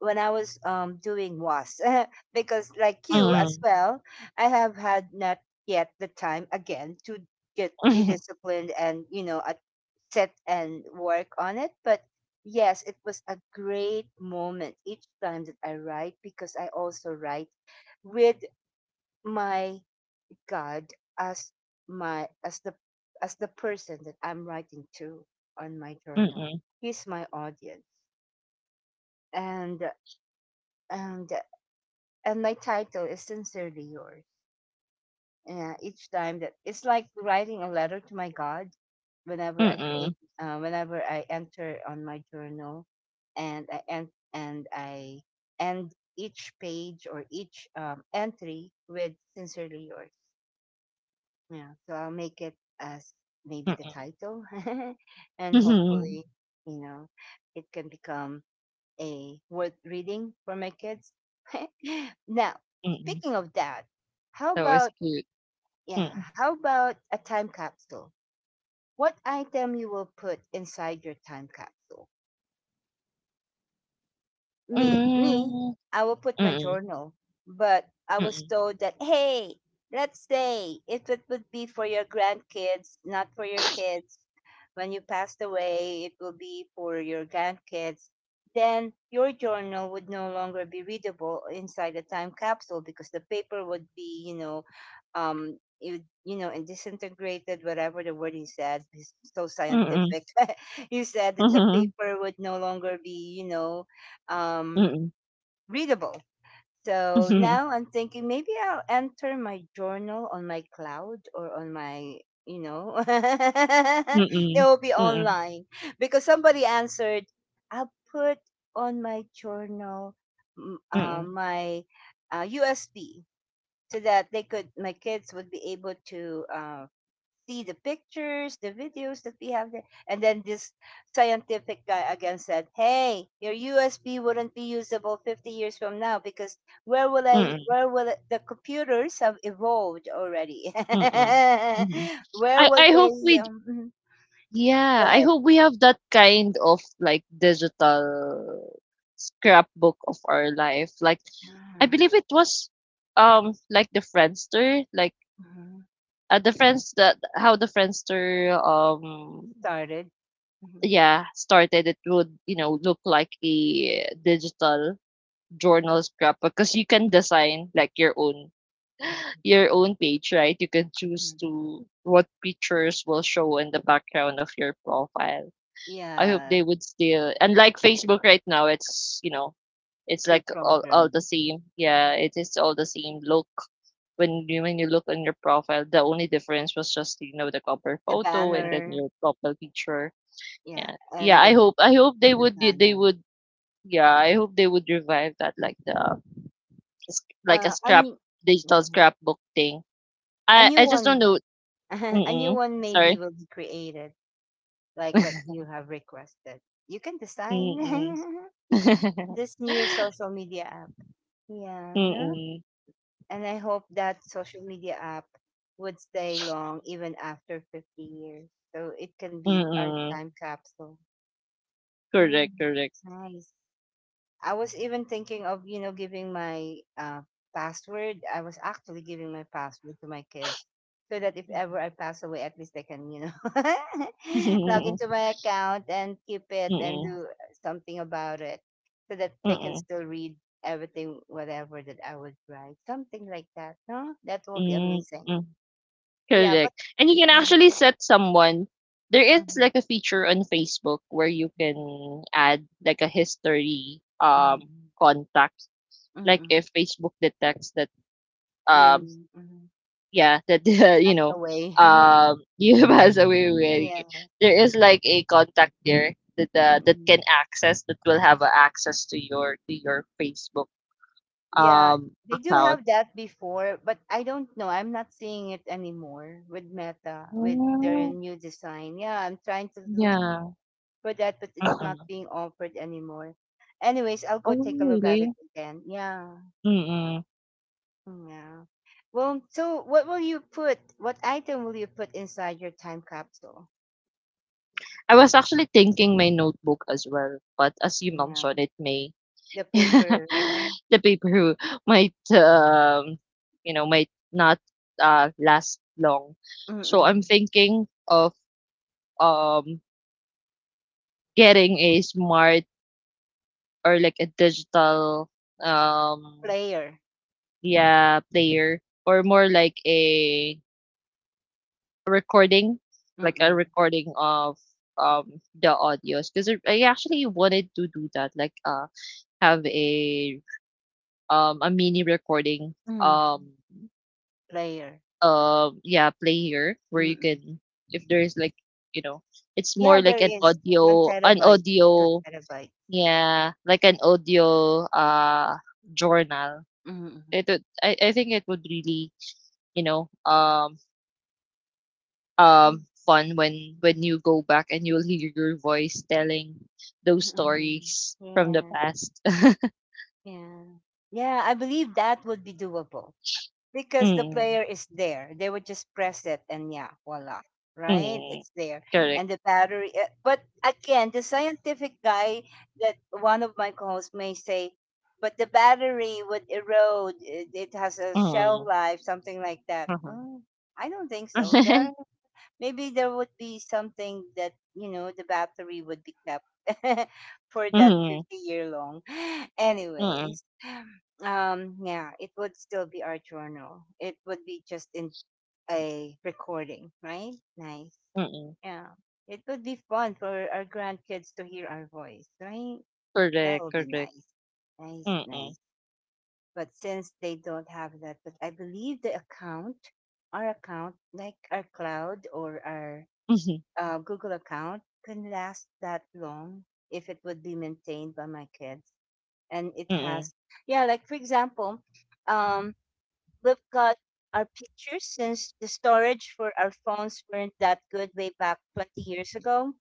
Speaker 1: when I was doing was, because like you as
Speaker 2: mm-mm,
Speaker 1: well, I have had not yet the time again to get be disciplined and, you know, sit and work on it. But yes, it was a great moment each time that I write, because I also write with my God as my as the, as the person that I'm writing to on my journal.
Speaker 2: mm-mm,
Speaker 1: He's my audience, and and and my title is Sincerely Yours. Yeah, each time that it's like writing a letter to my God whenever I create, whenever I enter on my journal, and I and I end each page or each entry with "Sincerely Yours." Yeah, so I'll make it as maybe the
Speaker 2: mm-mm,
Speaker 1: title, and
Speaker 2: mm-mm.
Speaker 1: hopefully, you know, it can become a worth reading for my kids. Now, speaking of that, how
Speaker 2: That was
Speaker 1: about,
Speaker 2: cute.
Speaker 1: yeah, how about a time capsule? What item you will put inside your time capsule?
Speaker 2: Hmm,
Speaker 1: Me,
Speaker 2: mm,
Speaker 1: I will put my
Speaker 2: mm,
Speaker 1: journal. But I was
Speaker 2: mm,
Speaker 1: told that, hey, let's say if it would be for your grandkids, not for your kids, when you passed away it will be for your grandkids, then your journal would no longer be readable inside the time capsule because the paper would be and disintegrated, whatever the word he said. He's so
Speaker 2: mhm,
Speaker 1: scientific. He said that the
Speaker 2: mm,
Speaker 1: paper would no longer be um,
Speaker 2: mhm,
Speaker 1: readable. So
Speaker 2: mm,
Speaker 1: now I'm thinking maybe I'll enter my journal on my cloud or on my, it
Speaker 2: mm,
Speaker 1: will be online because somebody answered, I'll put on my journal
Speaker 2: mm,
Speaker 1: my USB so that they could, my kids would be able to see the pictures, the videos that we have there. And then this scientific guy again said, "Hey, your USB wouldn't be usable 50 years from now because where will I?
Speaker 2: mm,
Speaker 1: The computers have evolved already?
Speaker 2: mm, mhm.
Speaker 1: Where will
Speaker 2: I hope
Speaker 1: they?"
Speaker 2: we d-
Speaker 1: Mhm.
Speaker 2: Yeah,
Speaker 1: Go
Speaker 2: I
Speaker 1: ahead.
Speaker 2: hope we have that kind of like digital scrapbook of our life. Like, I
Speaker 1: Ah,
Speaker 2: believe it was, like the Friendster, like,
Speaker 1: mhm.
Speaker 2: the friends that, how the Friendster
Speaker 1: Started. Mhm,
Speaker 2: yeah started. It would, you know, look like a digital journal scrap, because you can design like your own,
Speaker 1: mhm,
Speaker 2: your own page, right? You can choose
Speaker 1: mhm.
Speaker 2: to what pictures will show in the background of your profile. I hope
Speaker 1: Yeah,
Speaker 2: they would still. And like Facebook right now, it's, you know, it's like all
Speaker 1: pre-programmed
Speaker 2: the same. Yeah, it is all the same look when you, when you look on your profile. The only difference was just, you know, the cover
Speaker 1: the
Speaker 2: photo, and then
Speaker 1: banner.
Speaker 2: your profile picture.
Speaker 1: Yeah,
Speaker 2: Yeah, yeah,
Speaker 1: and
Speaker 2: I hope, I hope they
Speaker 1: the
Speaker 2: would, they
Speaker 1: banner.
Speaker 2: would, yeah, I hope they would revive that, like the, like a
Speaker 1: A
Speaker 2: scrap,
Speaker 1: new,
Speaker 2: digital
Speaker 1: mhm.
Speaker 2: scrapbook thing.
Speaker 1: A
Speaker 2: I
Speaker 1: new
Speaker 2: I just don't
Speaker 1: one.
Speaker 2: know.
Speaker 1: A new
Speaker 2: Mm-mm.
Speaker 1: one maybe
Speaker 2: Sorry.
Speaker 1: will be created, like what you have requested. You can design
Speaker 2: Mm-mm.
Speaker 1: this new social media app. Yeah, no?
Speaker 2: Mm-mm.
Speaker 1: And I hope that social media app would stay long even after 50 years. So it can be our
Speaker 2: Mm-mm.
Speaker 1: time capsule. Yeah,
Speaker 2: Correct, correct.
Speaker 1: nice. I was even thinking of, you know, giving my password. I was actually giving my password to my kids so that if ever
Speaker 2: Mm-mm.
Speaker 1: I pass away, at least they can, you know, log into my account and keep it and
Speaker 2: Mm-mm.
Speaker 1: do something about it so that they can
Speaker 2: Mm-mm.
Speaker 1: still read everything, whatever that I would write. Something like that. No, that will be amazing.
Speaker 2: Mm-mm.
Speaker 1: Yeah, but
Speaker 2: Correct. And you can
Speaker 1: mm-hmm,
Speaker 2: actually set someone. There is like a feature on Facebook where you can add like a history
Speaker 1: mm-hmm,
Speaker 2: contact. Like,
Speaker 1: mm-hmm,
Speaker 2: if Facebook detects that,
Speaker 1: you
Speaker 2: um
Speaker 1: mm-hmm,
Speaker 2: yeah, that, you
Speaker 1: passed
Speaker 2: know,
Speaker 1: away.
Speaker 2: you pass away
Speaker 1: Yeah.
Speaker 2: already, there is like a contact there that, that
Speaker 1: Mm-hmm.
Speaker 2: can access, that will have, access to your, to your Facebook
Speaker 1: Yeah, they do
Speaker 2: account.
Speaker 1: have that before, but I don't know. I'm not seeing it anymore with Meta, with their
Speaker 2: Oh,
Speaker 1: new design. Yeah, I'm trying to look
Speaker 2: yeah.
Speaker 1: for that, but it's not
Speaker 2: Mm.
Speaker 1: being offered anymore. Anyways, I'll go
Speaker 2: Oh,
Speaker 1: take a look at it
Speaker 2: really?
Speaker 1: again. Yeah,
Speaker 2: Mm-mm.
Speaker 1: yeah. Well, so what will you put? What item will you put inside your time capsule?
Speaker 2: I was actually thinking my notebook as well, but as you
Speaker 1: Yeah,
Speaker 2: mentioned, it may,
Speaker 1: the paper, huh?
Speaker 2: the paper, who might, you know, might not, last long. So I'm
Speaker 1: Mm-mm.
Speaker 2: thinking, um getting a smart, or like a digital, um
Speaker 1: Player.
Speaker 2: yeah, player, or more like a recording, like a
Speaker 1: Mm-mm.
Speaker 2: recording of, the audios, because I actually wanted to do that, like, have a, a mini recording,
Speaker 1: Mm.
Speaker 2: um
Speaker 1: Player.
Speaker 2: yeah, player, where you
Speaker 1: Mm-mm.
Speaker 2: can, if there's like, you know, it's
Speaker 1: Yeah,
Speaker 2: more like
Speaker 1: there
Speaker 2: an
Speaker 1: is 1
Speaker 2: audio, an
Speaker 1: terabyte, 2
Speaker 2: audio.
Speaker 1: terabyte.
Speaker 2: Yeah, like an audio, journal.
Speaker 1: Mm.
Speaker 2: It would, I think it would really, you know,
Speaker 1: Yeah.
Speaker 2: fun when you go back and you'll hear your voice telling those
Speaker 1: Mm.
Speaker 2: stories from the
Speaker 1: Yeah,
Speaker 2: past.
Speaker 1: yeah. Yeah, I believe that would be doable because the
Speaker 2: Mm,
Speaker 1: player is there. They would just press it and, yeah, voila, right?
Speaker 2: mm,
Speaker 1: It's there.
Speaker 2: correct.
Speaker 1: And the battery, but again, the scientific guy that one of my co hosts may say, but the battery would erode. It has a shelf
Speaker 2: Mm,
Speaker 1: life, something like that.
Speaker 2: mhm.
Speaker 1: No, I don't think so. There maybe there would be something that, you know, the battery would be kept for that
Speaker 2: Mhm,
Speaker 1: 50-year long.
Speaker 2: mm,
Speaker 1: Anyways, yeah, it would still be our journal, it would be just in a recording, right? Nice.
Speaker 2: mm.
Speaker 1: Yeah, it would be fun for our grandkids to hear our voice, right? That
Speaker 2: Correct,
Speaker 1: would be
Speaker 2: correct.
Speaker 1: nice. Nice,
Speaker 2: Mm-mm.
Speaker 1: nice. But since they don't have that, but I believe the account, our account like our cloud or our
Speaker 2: Mm-mm.
Speaker 1: Google account, can last that long if it would be maintained by my kids. And it
Speaker 2: Mm-mm.
Speaker 1: has, yeah, like for example, um, we've got our pictures since the storage for our phones weren't that good way back 20 years ago.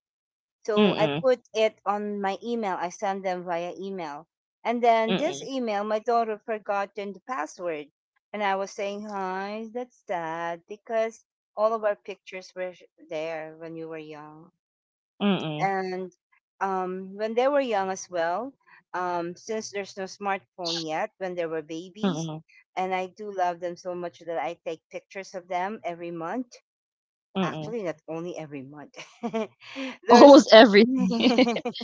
Speaker 1: So I
Speaker 2: Mm-mm.
Speaker 1: put it on my email. I send them via email. And then this
Speaker 2: Mm-mm.
Speaker 1: email, my daughter forgotten the password. And I was saying, hi, that's sad because all of our pictures were there when you were young
Speaker 2: Mm-mm.
Speaker 1: and when they were young as well, since there's no smartphone yet, when they were babies,
Speaker 2: Mm-mm.
Speaker 1: and I do love them so much that I take pictures of them every month. Actually,
Speaker 2: Mm-mm.
Speaker 1: not only every month. There's
Speaker 2: Almost everything.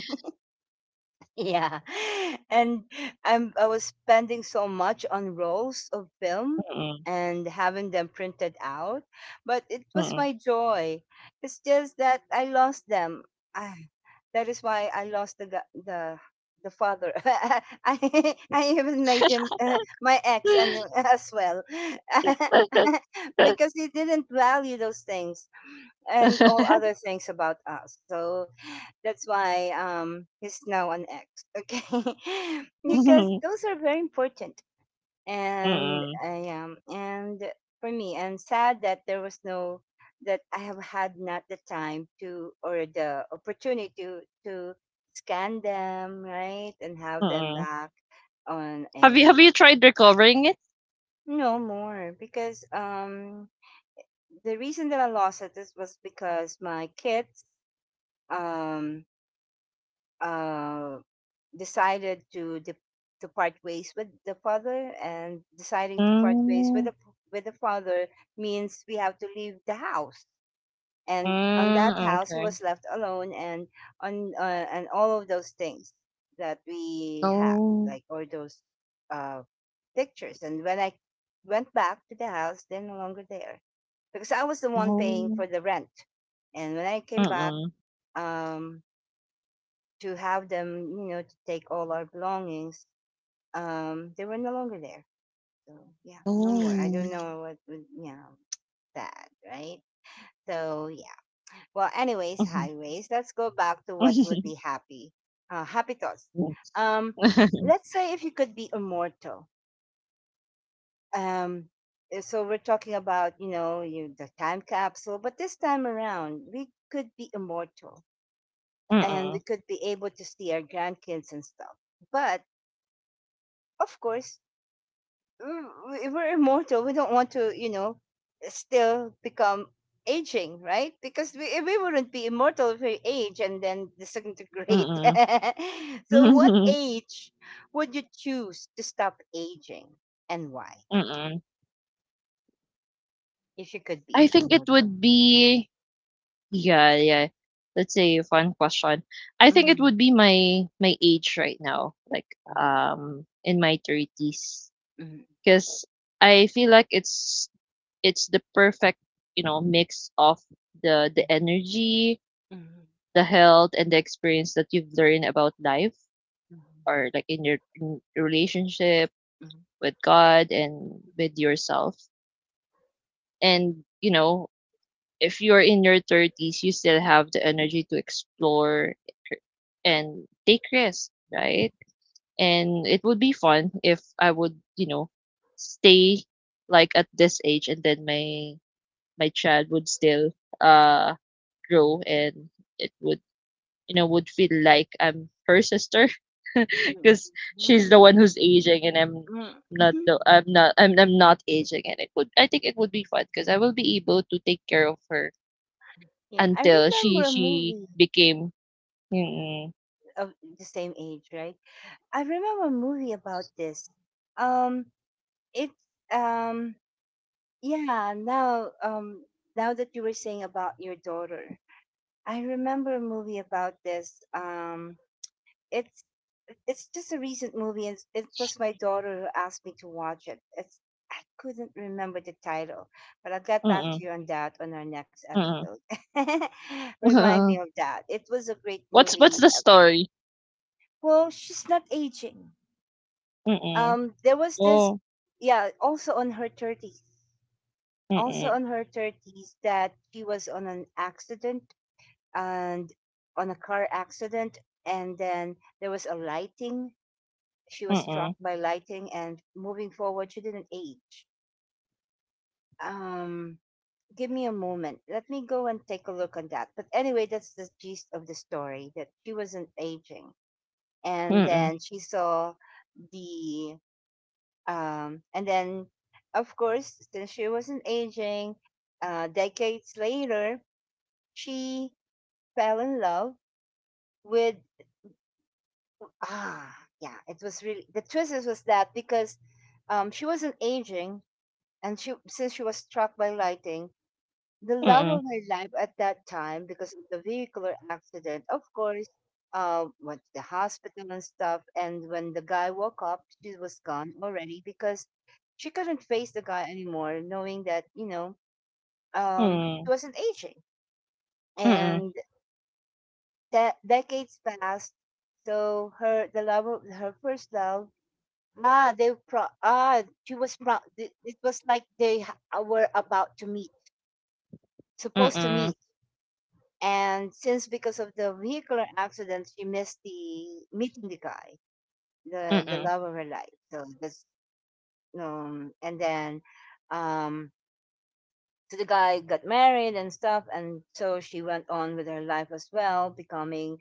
Speaker 1: yeah. And I was spending so much on rolls of film
Speaker 2: Mm-mm.
Speaker 1: and having them printed out, but it was my joy. It's just that I lost them. I, that is why I lost the father. I even made him my ex and him
Speaker 2: Mm-mm.
Speaker 1: as well.
Speaker 2: Mm,
Speaker 1: Because he didn't value those things and all other things about us. So that's why he's now an ex. Okay, because those are very important. And I and for me and sad that there was no that I have had not the time to or the opportunity to scan them, right, and have them
Speaker 2: mm.
Speaker 1: back on
Speaker 2: Have you,
Speaker 1: a
Speaker 2: have you tried recovering it?
Speaker 1: no more because the reason that I lost it is was because my kids um uh, decided to to part ways with the father, and deciding to part ways
Speaker 2: Mm,
Speaker 1: with the father means we have to leave the house. And on that
Speaker 2: mm,
Speaker 1: house, he
Speaker 2: okay.
Speaker 1: was left alone, and on and all of those things that we have,
Speaker 2: Oh,
Speaker 1: like all those uh, pictures. And when I went back to the house, they're no longer there because I was the one paying
Speaker 2: oh,
Speaker 1: for the rent. And when I came back,
Speaker 2: mm-mm.
Speaker 1: um, to have them, you know, to take all our belongings, they were no longer there. So yeah, no more. I
Speaker 2: Oh.
Speaker 1: don't know what, would you know, sad, right? So yeah. Well, anyways,
Speaker 2: Mhm,
Speaker 1: highways. Let's go back to what would
Speaker 2: mhm.
Speaker 1: be happy, happy thoughts. Um, let's say if you could be immortal. Um, so we're talking about, you know, you the time capsule, but this time around we could be immortal and we
Speaker 2: Mm-mm.
Speaker 1: could be able to see our grandkids and stuff. But of course, mm, we're immortal. We don't want to, you know, still become aging, right? Because we wouldn't be immortal if we age and then disintegrate. So, what
Speaker 2: Mm-mm.
Speaker 1: age would you choose to stop aging and why?
Speaker 2: Mm-mm.
Speaker 1: If you could be
Speaker 2: I think it
Speaker 1: immortal.
Speaker 2: would be, yeah, yeah. Let's say a fun question. I think it
Speaker 1: Mm-hmm.
Speaker 2: would be my, my age right now, like in my 30s.
Speaker 1: Mm-hmm.
Speaker 2: Because I feel like it's the perfect, you know, mix of the energy,
Speaker 1: Mm-hmm.
Speaker 2: the health, and the experience that you've learned about life, or like in your, in your relationship
Speaker 1: Mm-hmm. Mm-hmm.
Speaker 2: with God and with yourself. And you know, if you're in your thirties, you still have the energy to explore and take risks, right? And it would be fun if I would, you know, stay like at this age, and then my child would still, uh grow, and it would, you know, would feel like I'm her sister,
Speaker 1: Mm-hmm. Mm-hmm. Mm-hmm. Mm-hmm.
Speaker 2: because
Speaker 1: Mm-hmm. Mm-hmm.
Speaker 2: she's the
Speaker 1: Mm-hmm.
Speaker 2: one who's aging, and I'm not
Speaker 1: Mm-hmm.
Speaker 2: the, I'm not, I'm, I'm not aging. And it would, I think it would be fun, because I will be able to take care of her
Speaker 1: Yeah, I
Speaker 2: until
Speaker 1: remember
Speaker 2: she
Speaker 1: a
Speaker 2: she
Speaker 1: movie,
Speaker 2: became,
Speaker 1: yeah,
Speaker 2: mm-mm,
Speaker 1: of the same age, right? I remember a movie about this. Um, it's um, yeah. Now, now that you were saying about your daughter, I remember a movie about this. It's it's just a recent movie, and it was my daughter who asked me to watch it. It's I couldn't remember the title, but I'll get back
Speaker 2: mm-mm,
Speaker 1: to you on that on our next
Speaker 2: mm-mm.
Speaker 1: episode. Remind me of that. It was a great
Speaker 2: What's
Speaker 1: movie.
Speaker 2: the story?
Speaker 1: Well, she's not aging.
Speaker 2: Mm-mm,
Speaker 1: There was this,
Speaker 2: oh,
Speaker 1: yeah, also on her 30s, also
Speaker 2: mm-mm,
Speaker 1: on her 30s, that she was on an accident and on a car accident, and then there was a lighting, she was struck
Speaker 2: mm-mm,
Speaker 1: by lighting and moving forward she didn't age. um Give me a moment, let me go and take a look on that, but anyway that's the gist of the story, that she wasn't aging. And
Speaker 2: mm-mm,
Speaker 1: then she saw the and then, of course, since she wasn't aging, decades later, she fell in love with. Ah, yeah, it was really. The twist was that because she wasn't aging, and she since she was struck by lightning, the love of
Speaker 2: mm-mm,
Speaker 1: my life at that time because of the vehicular accident. Of course, went to the hospital and stuff. And when the guy woke up, she was gone already because she couldn't face the guy anymore, knowing that, you know, she
Speaker 2: mm-mm,
Speaker 1: wasn't aging.
Speaker 2: mm-mm,
Speaker 1: And that decades passed, so her the love of her first love. Ah, they pro ah she was it was like were about to meet, supposed to
Speaker 2: mm-mm,
Speaker 1: meet. And since because of the vehicular accident, she missed the meeting the guy, the
Speaker 2: mm-mm,
Speaker 1: love of her life. So that's and then um, so the guy got married and stuff, and so she went on with her life as well, becoming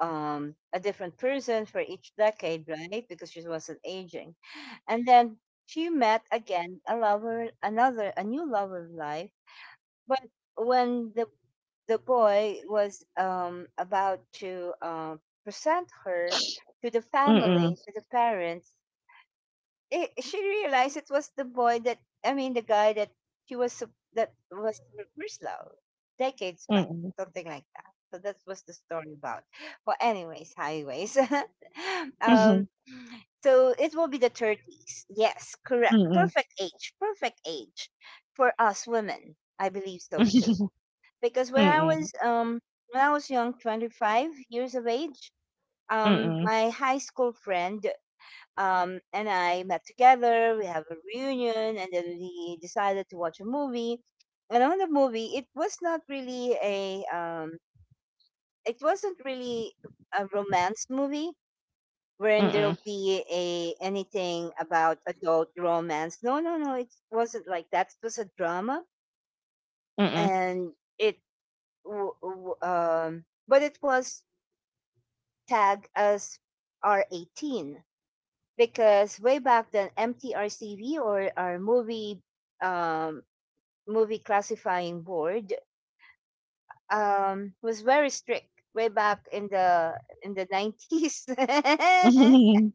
Speaker 1: a different person for each decade, right? Because she wasn't aging, and then she met again a lover, another a new lover of life, but when the boy was about to present her to the
Speaker 2: mm-mm,
Speaker 1: family, to the parents, it, she realized it was the boy that I mean the guy that that was her first love decades back,
Speaker 2: mm-mm.
Speaker 1: something like that. So that was the story about. Well, anyways, highways. um,
Speaker 2: Mhm,
Speaker 1: so it will be the 30s. Yes, correct.
Speaker 2: mm.
Speaker 1: Perfect age. Perfect age for us women. I believe so too because
Speaker 2: Mm,
Speaker 1: when I was young, 25 years of age,
Speaker 2: mm, mm,
Speaker 1: my high school friend and I met together, we have a reunion and then we decided to watch a movie. And on the movie, it was not really a it wasn't really a romance movie wherein
Speaker 2: mm,
Speaker 1: there'll be a anything about adult romance. No, no, no, it wasn't like that. It was a drama,
Speaker 2: mm.
Speaker 1: and it but it was tag as R18 because way back then, MTRCB or our movie, um, movie classifying board, was very strict way back in the 90s.
Speaker 2: Mm,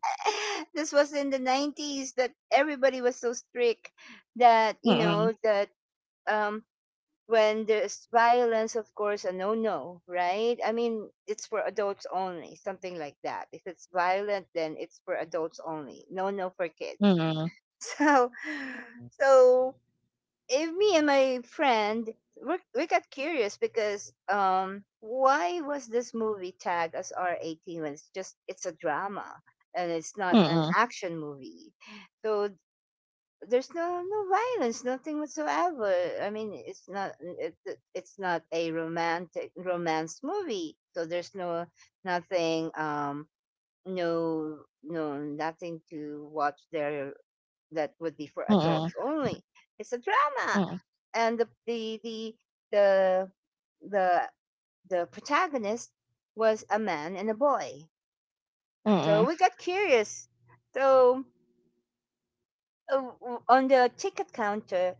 Speaker 1: This was in the 90s that everybody was so strict that you
Speaker 2: mm,
Speaker 1: know that, um, when there's violence, of course, a no no, right? I mean, it's for adults only, something like that. If it's violent, then it's for adults only, no no for kids.
Speaker 2: mm, mm,
Speaker 1: So, so if me and my friend, we got curious because why was this movie tagged as R18 when it's a drama and it's not an
Speaker 2: mm,
Speaker 1: action movie? So there's no violence, nothing whatsoever. I mean, it's not a romantic romance movie, so there's no nothing no no nothing to watch there that would be for
Speaker 2: mm,
Speaker 1: adults only. It's a drama,
Speaker 2: mm,
Speaker 1: and the the, the protagonist was a man and a boy. So
Speaker 2: mm,
Speaker 1: we got curious. So on the ticket counter,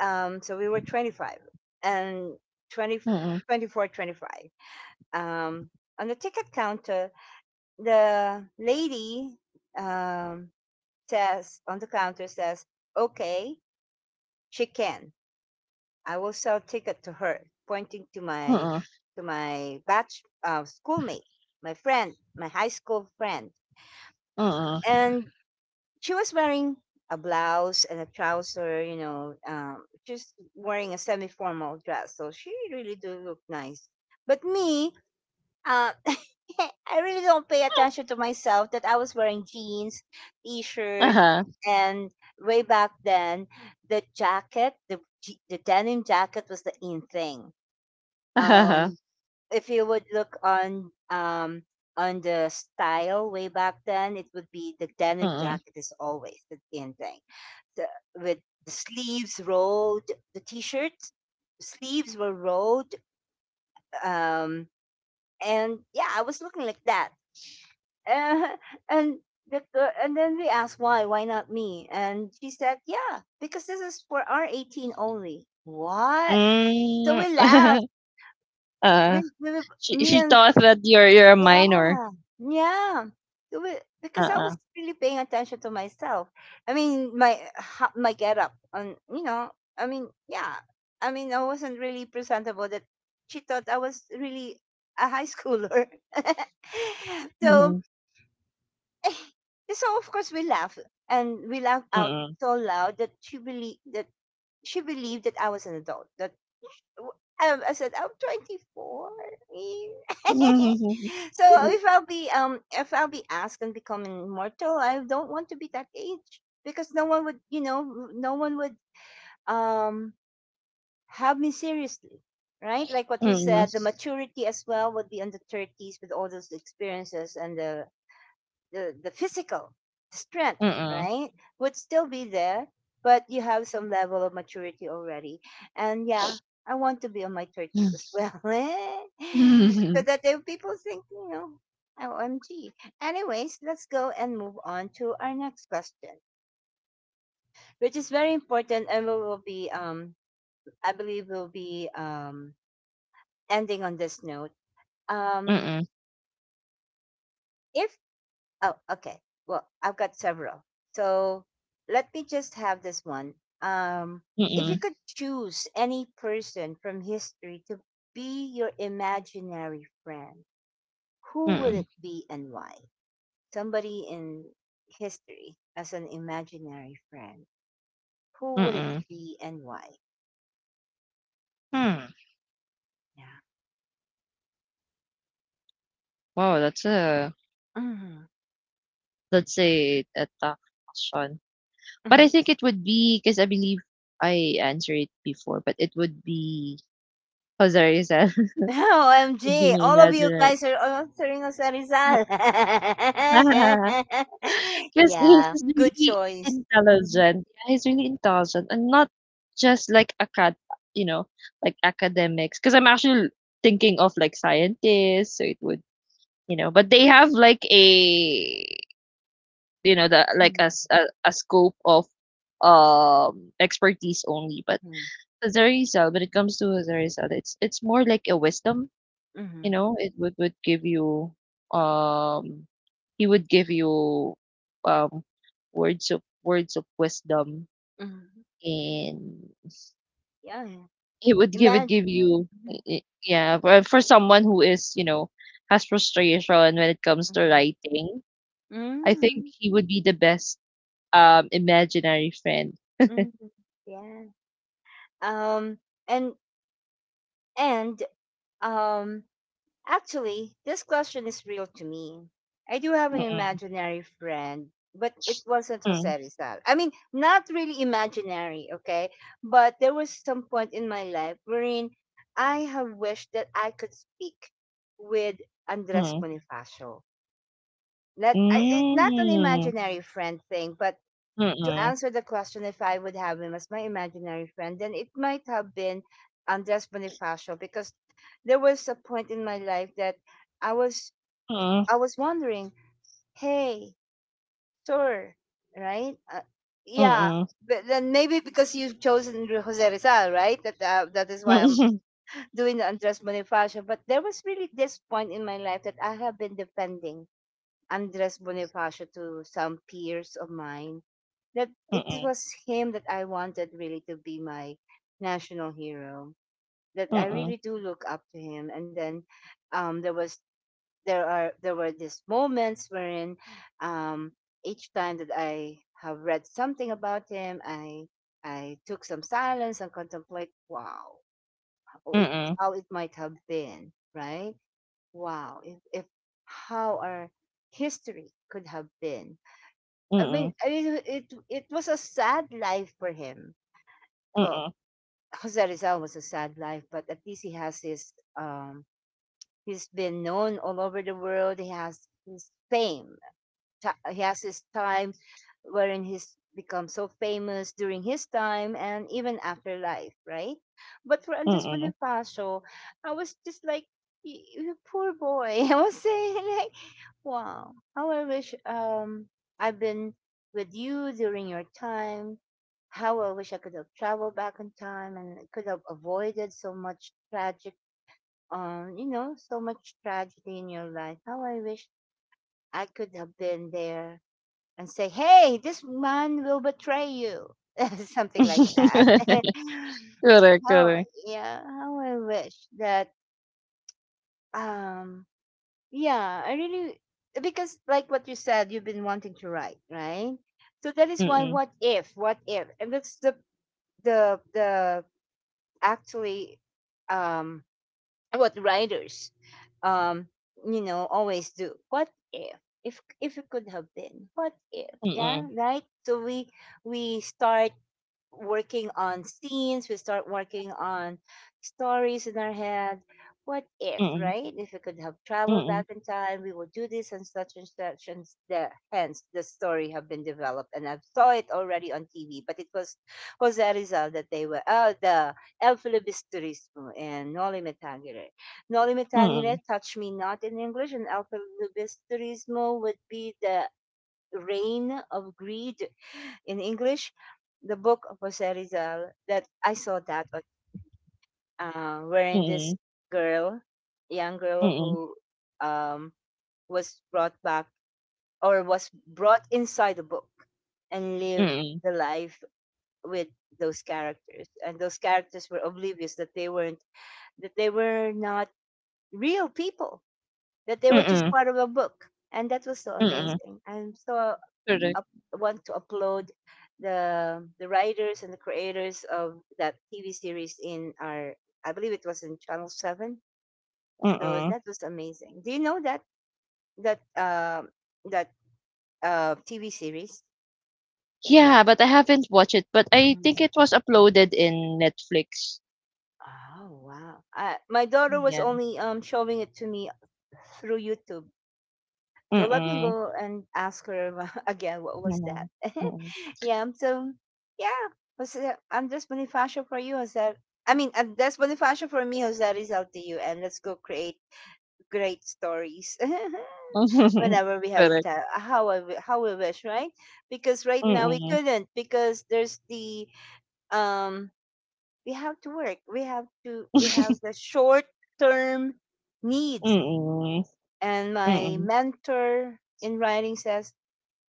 Speaker 1: so we were 25, and twenty
Speaker 2: mm.
Speaker 1: twenty four, 25. Um, on the ticket counter, the lady, um, says, on the counter says, okay, she can. I will sell ticket to her, pointing to my batch, schoolmate, my friend, my high school friend. And she was wearing a blouse and a trouser, just wearing a semi-formal dress. So she really do look nice. But me, uh, I really don't pay attention to myself that I was wearing jeans, t-shirt,
Speaker 2: Uh-huh,
Speaker 1: and way back then, the jacket, the denim jacket was the in thing.
Speaker 2: uh-huh,
Speaker 1: Um, if you would look on the style way back then, it would be the denim
Speaker 2: mm,
Speaker 1: jacket is always the in thing. The, with the sleeves rolled, the t-shirts sleeves were rolled, um, and yeah, I was looking like that. Uh, and and then we asked, why not me? And she said, yeah, because this is for our 18 only. What? So we laughed.
Speaker 2: mm. Uh,
Speaker 1: We,
Speaker 2: she
Speaker 1: me
Speaker 2: she
Speaker 1: and
Speaker 2: thought that you're a minor.
Speaker 1: Yeah, yeah. Because I was
Speaker 2: Uh-uh.
Speaker 1: really paying attention to myself. I mean, my get up, and I mean, yeah. I mean, I wasn't really presentable. That she thought I was really a high schooler. so,
Speaker 2: Mhm,
Speaker 1: eh, so of course we laughed, and we laughed out
Speaker 2: mm.
Speaker 1: so loud that she believed that I was an adult. W- I said, I'm 24.
Speaker 2: Mm, mm,
Speaker 1: So if I'll be asked and become immortal, I don't want to be that age because no one would you know no one would um have me seriously, right? Like what you
Speaker 2: mm.
Speaker 1: said, the maturity as well would be in the 30s with all those experiences and the physical strength,
Speaker 2: Mm,
Speaker 1: right, would still be there, but you have some level of maturity already. And yeah, I want to be on my 30s as well. So that there people think, OMG. Anyways, let's go and move on to our next question, which is very important, and we will be, I believe, we'll be, ending on this note. Um,
Speaker 2: mm,
Speaker 1: if Oh, okay. Well, I've got several. So let me just have this one. Um, if you
Speaker 2: mm,
Speaker 1: could choose any person from history to be your imaginary friend, who would
Speaker 2: mm,
Speaker 1: it be and why? Somebody in history as an imaginary friend. Who would it
Speaker 2: mm.
Speaker 1: be and why?
Speaker 2: Hmm.
Speaker 1: Yeah.
Speaker 2: Wow, that's a,
Speaker 1: Mm-hmm.
Speaker 2: that's a tough question. But I
Speaker 1: Mm-hmm.
Speaker 2: think it would be, because I believe I answered it before, but it would be Jose Rizal, would be
Speaker 1: OMG,
Speaker 2: my
Speaker 1: all of you
Speaker 2: imaginary.
Speaker 1: guys are answering us a Rizal.
Speaker 2: Because he's
Speaker 1: Yeah,
Speaker 2: just
Speaker 1: good
Speaker 2: really
Speaker 1: choice. Mhm,
Speaker 2: intelligent. Yeah, he's really intelligent, and not just like acad, you know, like academics. Because I'm actually thinking of like scientists, so it would, you know, but they have like a, you know, the like
Speaker 1: mhm,
Speaker 2: a, a scope of expertise only. But
Speaker 1: mhm,
Speaker 2: Azarizal, when it comes to Azarizal, it's more like a wisdom, you
Speaker 1: mhm,
Speaker 2: know. It would give you, um, he would give you, um, words of, words of wisdom.
Speaker 1: mhm.
Speaker 2: And
Speaker 1: Yeah, yeah.
Speaker 2: he would give it give
Speaker 1: Imagine.
Speaker 2: you,
Speaker 1: Mhm,
Speaker 2: yeah. For someone who is, you know, has frustration when it comes to
Speaker 1: mhm,
Speaker 2: writing, I think
Speaker 1: mhm,
Speaker 2: he would be the best, imaginary friend.
Speaker 1: mhm. Yeah. Um, and, and, um, Actually, this question is real to me. I do have an
Speaker 2: Mm-mm,
Speaker 1: imaginary friend, but it wasn't Jose
Speaker 2: mm,
Speaker 1: Rizal. I mean, not really imaginary, okay? But there was some point in my life wherein I have wished that I could speak with Andres
Speaker 2: mm,
Speaker 1: Bonifacio. Not, I, it, Not an
Speaker 2: mm,
Speaker 1: imaginary friend thing, but to
Speaker 2: mm,
Speaker 1: answer the question if I would have him as my imaginary friend, then it might have been Andres Bonifacio, because there was a point in my life that I was
Speaker 2: mm,
Speaker 1: I was wondering, hey, sure, right? Yeah,
Speaker 2: mm,
Speaker 1: but then maybe because you've chosen Jose Rizal, right? That is why I'm
Speaker 2: mm.
Speaker 1: doing the Andres Bonifacio. But there was really this point in my life that I have been defending Andres Bonifacio to some peers of mine, that it
Speaker 2: Mm,
Speaker 1: was him that I wanted really to be my national hero. That I
Speaker 2: mm,
Speaker 1: really do look up to him. And then, there was there are there were these moments wherein, um, each time that I have read something about him, I took some silence and contemplate. Wow, how it
Speaker 2: mm,
Speaker 1: how it might have been, right? Wow, if how our history could have been. I mean,
Speaker 2: mm,
Speaker 1: I mean, it was a sad life for him. Well,
Speaker 2: mm,
Speaker 1: Jose Rizal was a sad life, but at least he has his um, he's been known all over the world. He has his fame. He has his time, wherein he's become so famous during his time and even after life, right? But for Andres
Speaker 2: mm.
Speaker 1: Bonifacio, I was just like, You poor boy." I was saying like, wow. How I wish, I've been with you during your time. How I wish I could have traveled back in time and could have avoided so much tragic, so much tragedy in your life. How I wish I could have been there and say, hey, this man will betray you, something like that.
Speaker 2: Correct,
Speaker 1: How,
Speaker 2: correct.
Speaker 1: yeah, how I wish that, um yeah, I really because like what you said, you've been wanting to write, right? So that is why,
Speaker 2: Mm,
Speaker 1: what if, and that's the actually, um what writers, um always do. What if? If it could have been, what if?
Speaker 2: mm,
Speaker 1: Yeah,
Speaker 2: mm,
Speaker 1: right. So we start working on scenes, we start working on stories in our head. What if,
Speaker 2: mm,
Speaker 1: right? If we could have traveled
Speaker 2: mm,
Speaker 1: back in time, we would do this and such and such, and hence the story have been developed. And I saw it already on TV, but it was Jose Rizal that they were, oh, the El Filibusterismo and Noli Me Tangere. Noli Me
Speaker 2: mm,
Speaker 1: Tangere,
Speaker 2: mm,
Speaker 1: Touch Me Not in English, and El Filibusterismo would be the reign of greed in English, the book of Jose Rizal that I saw, that wherein this
Speaker 2: mm,
Speaker 1: girl, young girl who, um, was brought back or was brought inside the book and lived the life with those characters, and those characters were oblivious that they were not real people, that they were just
Speaker 2: mm,
Speaker 1: part of a book. And that was so
Speaker 2: mm.
Speaker 1: amazing, I'm so
Speaker 2: Correct.
Speaker 1: up, want to upload the writers and the creators of that TV series in our I believe it was in Channel 7. So
Speaker 2: Mm.
Speaker 1: that was amazing. Do you know that uh, that TV series? No.
Speaker 2: Yeah, but I haven't watched it, but I think
Speaker 1: Mm.
Speaker 2: it was uploaded in Netflix.
Speaker 1: Oh wow! My daughter was
Speaker 2: Yeah.
Speaker 1: only showing it to me through YouTube.
Speaker 2: Mm,
Speaker 1: So let me
Speaker 2: mm,
Speaker 1: go and ask her again what was that.
Speaker 2: mm, mm.
Speaker 1: Yeah. So yeah, was it Andres Bonifacio for you? Is that, I mean, Andres Bonifacio for me? Is that is out to you? And let's go create great stories whenever we have the
Speaker 2: Correct.
Speaker 1: time. How we wish, right? Because right now we
Speaker 2: Mm,
Speaker 1: couldn't, because there's the um we have to work. We have
Speaker 2: mm,
Speaker 1: the short term needs.
Speaker 2: mm, mm,
Speaker 1: And my
Speaker 2: mm,
Speaker 1: mentor in writing says,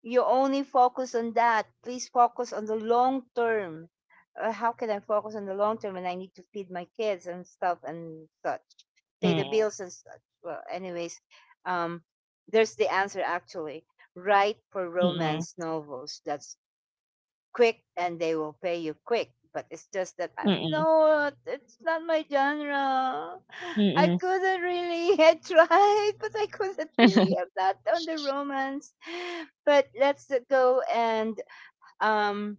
Speaker 1: you only focus on that. Please focus on the long term. How can I focus on the long term when I need to feed my kids and stuff and such, pay the bills and such? Well, anyways, um, there's the answer actually. Write for
Speaker 2: mm,
Speaker 1: romance novels. That's quick and they will pay you quick. But it's just that I'm
Speaker 2: mm,
Speaker 1: not, it's not my genre. I
Speaker 2: mm,
Speaker 1: couldn't really, I tried, but I couldn't really. I'm not on the romance. But um,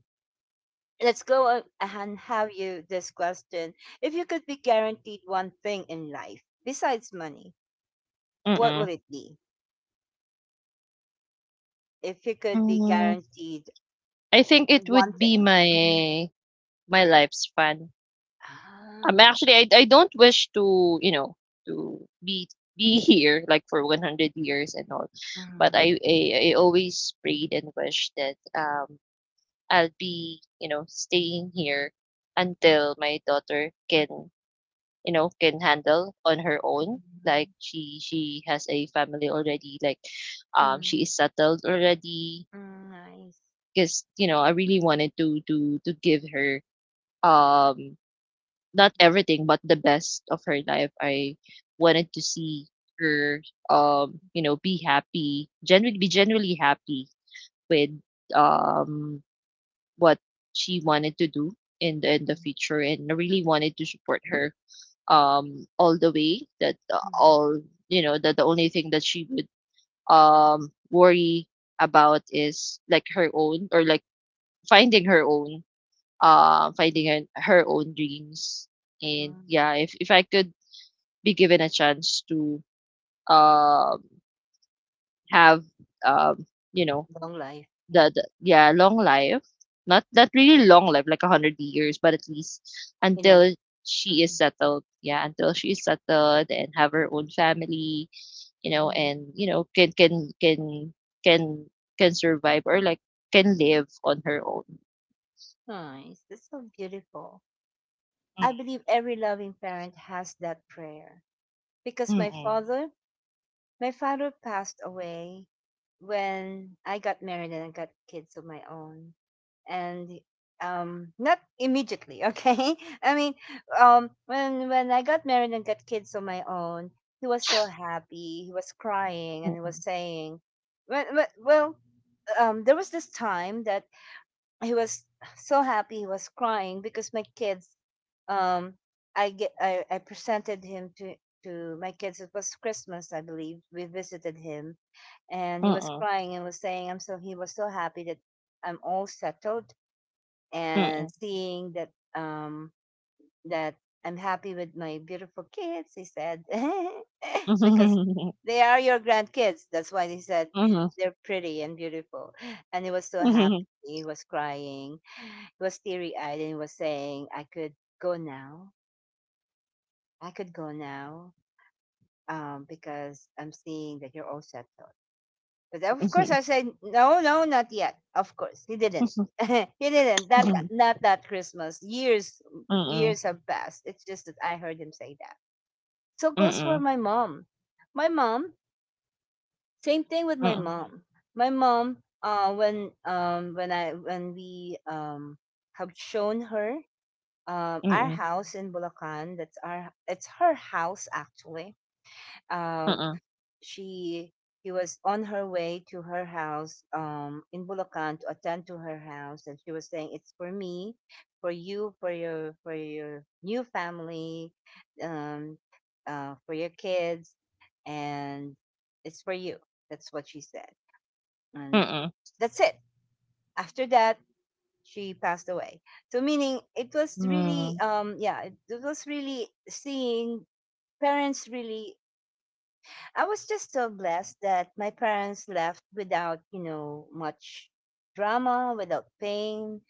Speaker 1: let's go on and have you this question. If you could be guaranteed one thing in life besides money, what
Speaker 2: mm.
Speaker 1: would it be? If you could be
Speaker 2: Mm,
Speaker 1: guaranteed
Speaker 2: I think it
Speaker 1: one
Speaker 2: would
Speaker 1: thing.
Speaker 2: be
Speaker 1: Mhm.
Speaker 2: my, my lifespan.
Speaker 1: Ah.
Speaker 2: Actually, I don't wish to, you know, to be here like for 100 years and all, but
Speaker 1: Mhm.
Speaker 2: I, I always prayed and wish that, I'll be, you know, staying here until my daughter can, you know, can handle on her own. Like,
Speaker 1: Mhm.
Speaker 2: she has a family already. Like, she
Speaker 1: Hmm.
Speaker 2: is settled already,
Speaker 1: Mm, nice.
Speaker 2: because you know, I really wanted to give her, um not
Speaker 1: Mhm,
Speaker 2: everything, but the best of her life. I wanted to see her, you know, be happy, generally, be generally happy with, um what she wanted to do in the, in the
Speaker 1: mhm,
Speaker 2: future. And I really wanted to support her, all the way. That,
Speaker 1: mhm,
Speaker 2: all, you know, that the only thing that she would, worry about is like her own, or like finding her own, finding her, her own dreams. And
Speaker 1: mhm.
Speaker 2: yeah, if I could be given a chance to, um have, um you know,
Speaker 1: Long life. Yeah.
Speaker 2: the, yeah, long life, not, not really long life like a hundred years, but at least
Speaker 1: Enough.
Speaker 2: until she is
Speaker 1: Hmm.
Speaker 2: settled. Yeah, until she is settled and have her own family, you know.
Speaker 1: Hmm.
Speaker 2: And you know, can can survive, or like, can live on her own.
Speaker 1: Nice. That's so beautiful.
Speaker 2: Mm,
Speaker 1: I believe every loving parent has that prayer because
Speaker 2: mm-mm.
Speaker 1: my father passed away when I got married and I got kids of my own. And not immediately, okay. I mean, when I got married and got kids on my own, he was so happy. He was crying and he
Speaker 2: Mm-mm.
Speaker 1: was saying, well, there was this time that he was so happy. He was crying because my kids, um I presented him to my kids. It was Christmas, I believe. We visited him and he was
Speaker 2: Mm-mm.
Speaker 1: crying and was saying, I'm so he was so happy that I'm all settled and
Speaker 2: Mm-mm.
Speaker 1: seeing that I'm happy with my beautiful kids, he said, because
Speaker 2: Mhm,
Speaker 1: they are your grandkids. That's why he said
Speaker 2: mhm, mhm,
Speaker 1: they're pretty and beautiful. And he was so
Speaker 2: mhm, mhm,
Speaker 1: happy. He was crying. He was teary eyed and he was saying, I could go now. I could go now, because I'm seeing that you're all settled. But of course, I said, no, no, not yet. Of course, he didn't. He didn't.
Speaker 2: mm,
Speaker 1: Not that Christmas. Years have passed. It's just that I heard him say that. So it goes for
Speaker 2: mm,
Speaker 1: my mom. My mom, same thing with my
Speaker 2: mm,
Speaker 1: mom. My mom, when we have shown her
Speaker 2: mm,
Speaker 1: our
Speaker 2: mm,
Speaker 1: house in Bulacan. That's our It's her house actually. Um, she, he was on her way to her house in Bulacan to attend to her house, and she was saying, it's for me, for you, for your new family, um for your kids, and it's for you. That's what she said.
Speaker 2: mm,
Speaker 1: And
Speaker 2: mm,
Speaker 1: that's it. After that, she passed away. So meaning it was really, yeah, it was really seeing parents. Really, I was just so blessed that my parents left without, you know, much drama, without pain.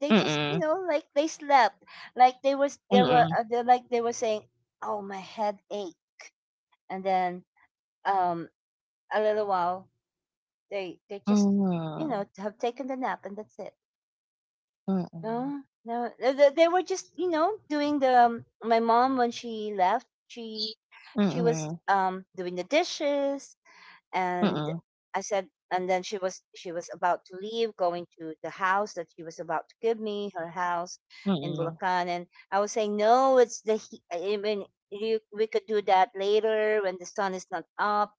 Speaker 1: They
Speaker 2: mm, mm,
Speaker 1: just, you
Speaker 2: mm,
Speaker 1: know, like they slept, like
Speaker 2: mm,
Speaker 1: they
Speaker 2: mm,
Speaker 1: were,
Speaker 2: mm,
Speaker 1: they, like they were saying, "Oh, my head ache," and then um a little while, they just, you know, have taken the nap, and that's it.
Speaker 2: mm, mm, mm,
Speaker 1: No, no, they were just, you know, doing the. My mom, when she left, she was
Speaker 2: mm,
Speaker 1: doing the dishes.
Speaker 2: mm, mm,
Speaker 1: And I said, and then she was about to leave, going to the house that she was about to give me, her house
Speaker 2: mm,
Speaker 1: in
Speaker 2: mm, mm, mm,
Speaker 1: Bulacan, and I was saying, no, I mean, we could do that later, when the sun is not up,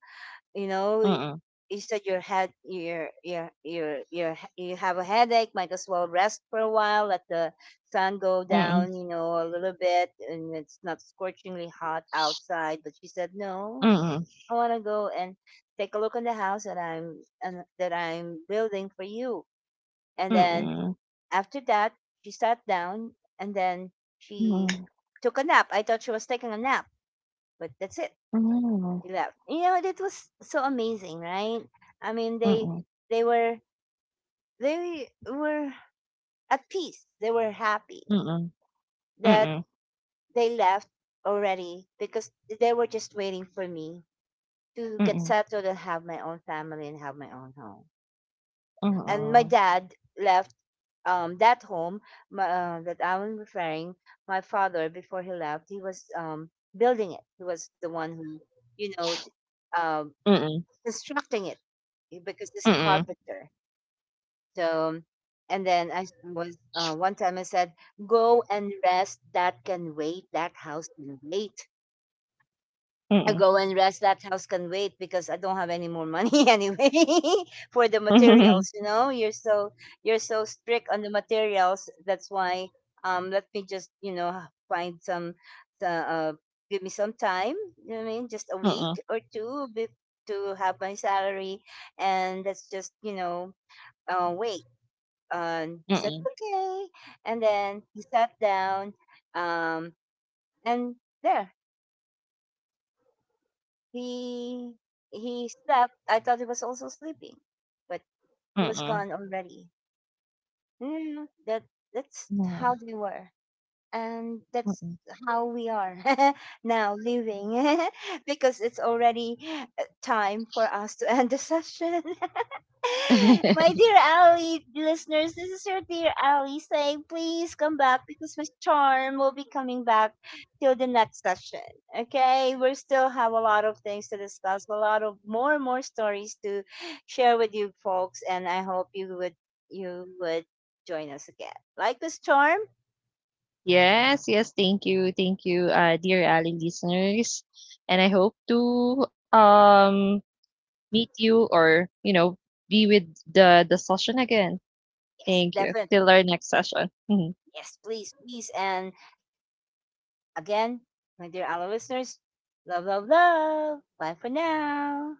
Speaker 1: you know.
Speaker 2: mm, mm.
Speaker 1: Is that your head, you have a headache, might as well rest for a while, let the sun go
Speaker 2: Mm-mm,
Speaker 1: down, you know, a little bit, and it's not scorchingly hot outside. But she said, no,
Speaker 2: mm-mm,
Speaker 1: I want to go and take a look at the house that I'm and that I'm building for you. And then after that, she sat down, and then she took a nap. I thought she was taking a nap, but that's it. Left. You know, that was so amazing, right? I mean, they were they were at peace. They were
Speaker 2: mm-mm,
Speaker 1: happy
Speaker 2: mm-mm, mm-mm,
Speaker 1: that they left already, because they were just waiting for me to
Speaker 2: mm-mm,
Speaker 1: get
Speaker 2: mm-mm,
Speaker 1: settled and have my own family and have my own home. And my dad left, that home, that I'm referring. My father, before he left, he was, building it. He was the one who, you know, um constructing it, because he's a carpenter. So, and then I s- was one time I said, "Go and rest. That can wait. That house can wait." I go and rest. That house can wait because I don't have any more money anyway for the materials. You know, you're so, you're so strict on the materials. That's why. Let me just, you know, find some. Uh, uh, Give me some time. You know what I mean, just a week or two to have my salary, and let's just, you know, wait. And he said okay, and then he sat down, um and there, he he slept. I thought he was also sleeping, but he was gone already. Mm, that's
Speaker 2: mm.
Speaker 1: how they were, and that's how we are now living. Because it's already, time for us to end the session.
Speaker 2: Mm-mm.
Speaker 1: My dear Ali listeners, this is your dear Ali saying, please come back because Miss Charm will be coming back till the next session. Okay, we still have a lot of things to discuss, a lot of more and more stories to share with you folks, and I hope you would, you would join us again. Like Miss Charm?
Speaker 2: Yes, yes, thank you. Thank you, dear Ali listeners. And I hope to, meet you, or, you know, be with the session again.
Speaker 1: Yes,
Speaker 2: Thank you. Till
Speaker 1: definitely.
Speaker 2: our next session. Mhm.
Speaker 1: Yes, please, please. And again, my dear Ali listeners, love, love, love. Bye for now.